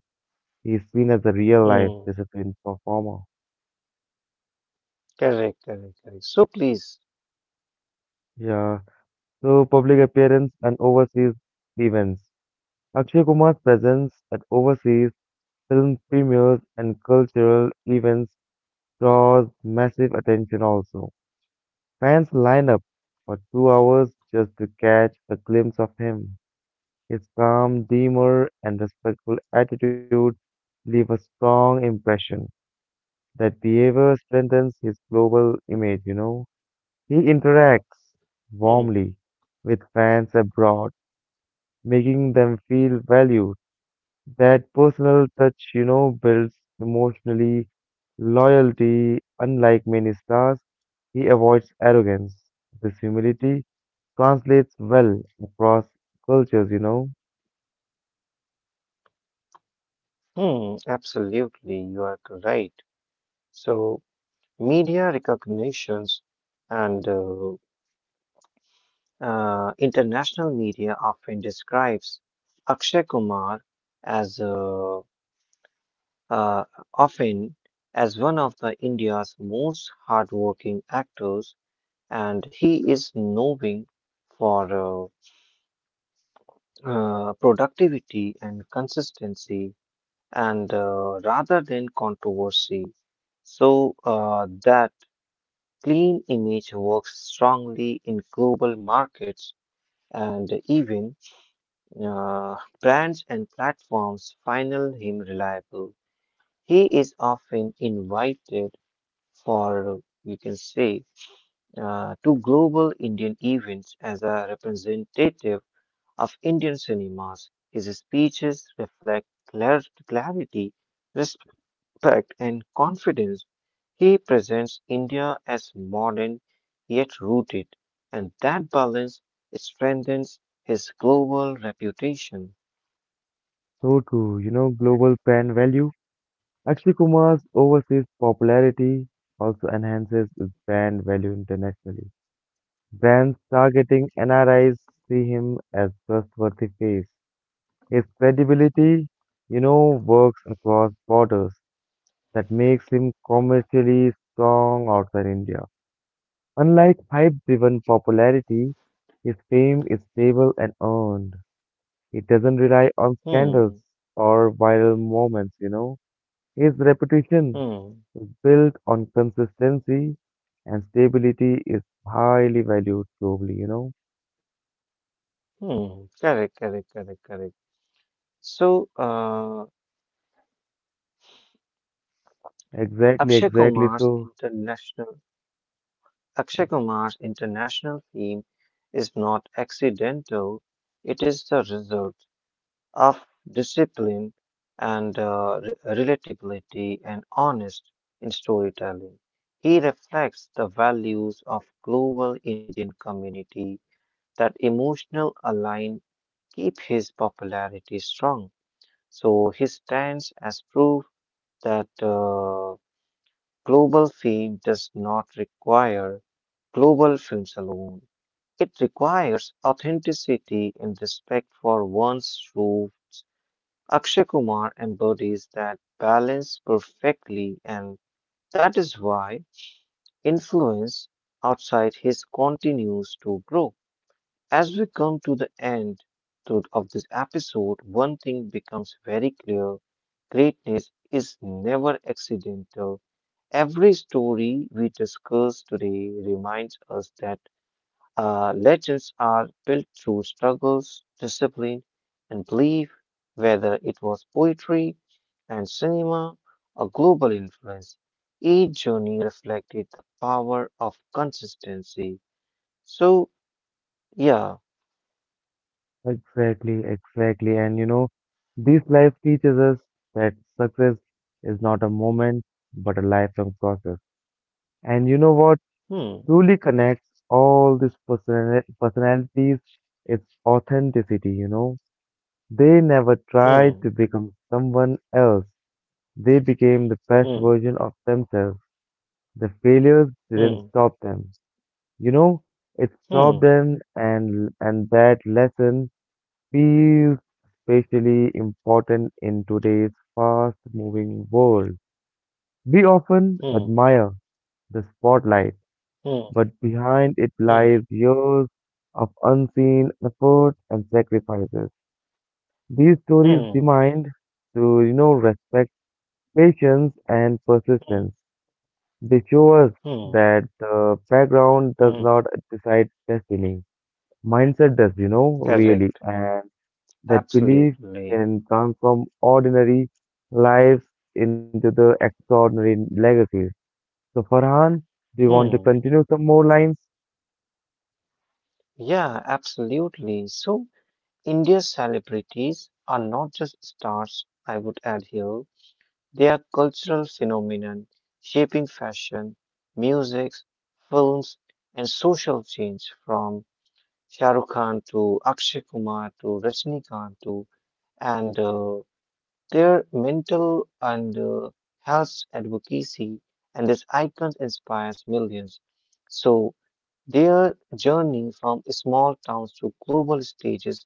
Speaker 1: He's seen as a real life
Speaker 2: hmm,
Speaker 1: disciplined performer.
Speaker 2: correct, correct, correct. So please.
Speaker 1: Yeah. So public appearance and overseas events. Akshay Kumar's presence at overseas film premieres and cultural events draws massive attention also. Fans line up for 2 hours just to catch a glimpse of him. His calm demeanor and respectful attitude leave a strong impression. That behavior strengthens his global image, you know. He interacts
Speaker 2: Hmm,
Speaker 1: warmly with fans abroad, making them feel valued. That personal touch, you know, builds emotionally loyalty. Unlike many stars, he avoids arrogance. This humility translates well across cultures, you know.
Speaker 2: hmm, absolutely, you are right. So media recognitions and international media often describes Akshay Kumar as a uh, often as one of the India's most hardworking actors, and he is known for productivity and consistency, and rather than controversy. So that clean image works strongly in global markets, and even uh, brands and platforms find him reliable. He is often invited for we can say to global Indian events as a representative of Indian cinemas. His speeches reflect clarity, respect, and confidence. He presents India as modern yet rooted, and that balance strengthens his global reputation.
Speaker 1: So too, you know, global brand value Akshay Kumar's overseas popularity also enhances his brand value internationally. Brands targeting NRIs see him as trustworthy face. His credibility, you know, works across borders that makes him commercially strong outside India. Unlike hype-driven popularity, his fame is stable and earned. It doesn't rely on
Speaker 2: Hmm,
Speaker 1: scandals or viral moments, you know. His reputation
Speaker 2: hmm,
Speaker 1: is built on consistency and stability is highly valued globally, you know.
Speaker 2: hmm. Correct, correct, correct, correct. So,
Speaker 1: Exactly,
Speaker 2: Akshay
Speaker 1: exactly.
Speaker 2: Kumar's
Speaker 1: So,
Speaker 2: international Akshay Kumar's international theme is not accidental, it is the result of discipline and relatability and honest in storytelling. He reflects the values of global Indian community that emotional align keep his popularity strong. So he stands as proof that global fame does not require global films alone. It requires authenticity and respect for one's roots. Akshay Kumar embodies that balance perfectly, and that is why influence outside his continues to grow. As we come to the end of this episode, one thing becomes very clear: greatness is never accidental. Every story we discuss today reminds us that legends are built through struggles, discipline, and belief, whether it was poetry and cinema or global influence. Each journey reflected the power of consistency. So, yeah.
Speaker 1: exactly, exactly. And you know, this life teaches us that success is not a moment but a lifelong process. And you know what
Speaker 2: Hmm,
Speaker 1: truly connects all these personalities? It's authenticity, you know. They never tried
Speaker 2: hmm,
Speaker 1: to become someone else. They became the best
Speaker 2: hmm,
Speaker 1: version of themselves. The failures didn't
Speaker 2: hmm,
Speaker 1: stop them. You know, it stopped
Speaker 2: hmm,
Speaker 1: them and that lesson feels especially important in today's fast-moving world. We often
Speaker 2: hmm,
Speaker 1: admire the spotlight,
Speaker 2: hmm,
Speaker 1: but behind it
Speaker 2: hmm,
Speaker 1: lies years of unseen effort and sacrifices. These stories
Speaker 2: hmm,
Speaker 1: remind to you know respect patience and persistence.
Speaker 2: hmm,
Speaker 1: They show us
Speaker 2: hmm,
Speaker 1: that the background does
Speaker 2: hmm.
Speaker 1: not decide destiny. Mindset does, you know, really.
Speaker 2: Correct,
Speaker 1: And that belief
Speaker 2: absolutely.
Speaker 1: can transform ordinary lives into the extraordinary legacies. So, Farhan, do you want to
Speaker 2: Hmm,
Speaker 1: continue some more lines?
Speaker 2: yeah, absolutely. So, India's celebrities are not just stars, I would add here. They are cultural phenomenon shaping fashion, music, films, and social change from Shah Rukh Khan to Akshay Kumar to Rajnikant to and their mental and health advocacy and this icon inspires millions. So their journey from small towns to global stages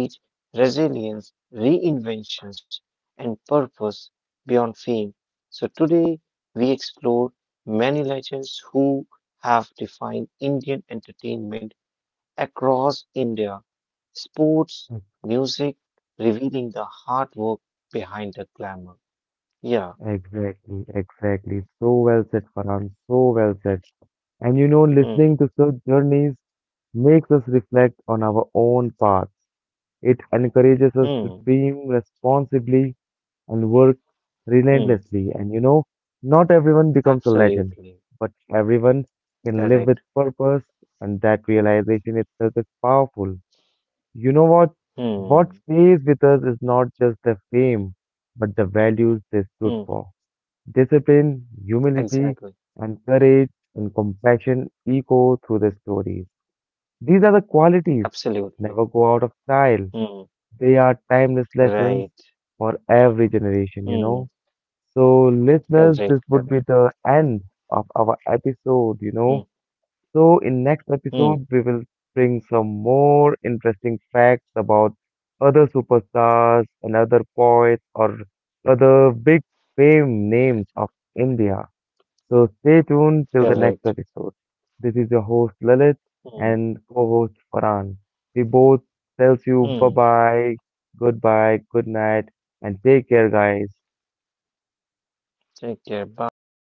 Speaker 2: teach resilience, reinventions, and purpose beyond fame. So today we explore many legends who have defined Indian entertainment across India, sports, music, revealing the hard work behind the glamour. Yeah.
Speaker 1: Exactly, exactly. So well said, Farhan. So well said. And you know,
Speaker 2: Hmm.
Speaker 1: listening to such journeys makes us reflect on our own path. It encourages us to
Speaker 2: Hmm.
Speaker 1: dream responsibly and work
Speaker 2: Hmm.
Speaker 1: relentlessly. And you know, not everyone becomes a legend,
Speaker 2: Absolutely.
Speaker 1: but everyone can live
Speaker 2: Correct.
Speaker 1: with purpose, and that realization itself is powerful. You know what? What
Speaker 2: Hmm.
Speaker 1: stays with us is not just the fame, but the values they stood
Speaker 2: Hmm.
Speaker 1: for. Discipline, humility,
Speaker 2: Exactly.
Speaker 1: and courage and compassion echo through the stories. These are the qualities
Speaker 2: Absolutely.
Speaker 1: never go out of style.
Speaker 2: Hmm.
Speaker 1: They are timeless lessons
Speaker 2: Right.
Speaker 1: for every generation, you know.
Speaker 2: Hmm.
Speaker 1: So, listeners, this
Speaker 2: Correct.
Speaker 1: would be
Speaker 2: Correct.
Speaker 1: the end of our episode, you know.
Speaker 2: Hmm.
Speaker 1: So, in next
Speaker 2: Mm,
Speaker 1: episode, we will bring some more interesting facts about other superstars and other poets or other big fame names of India. So, stay tuned till the next
Speaker 2: correct.
Speaker 1: episode. This is your host Lalit
Speaker 2: Mm,
Speaker 1: and co-host Farhan. We both tells you
Speaker 2: mm.
Speaker 1: bye-bye, goodbye, good night, and take care, guys.
Speaker 2: Take care. Bye.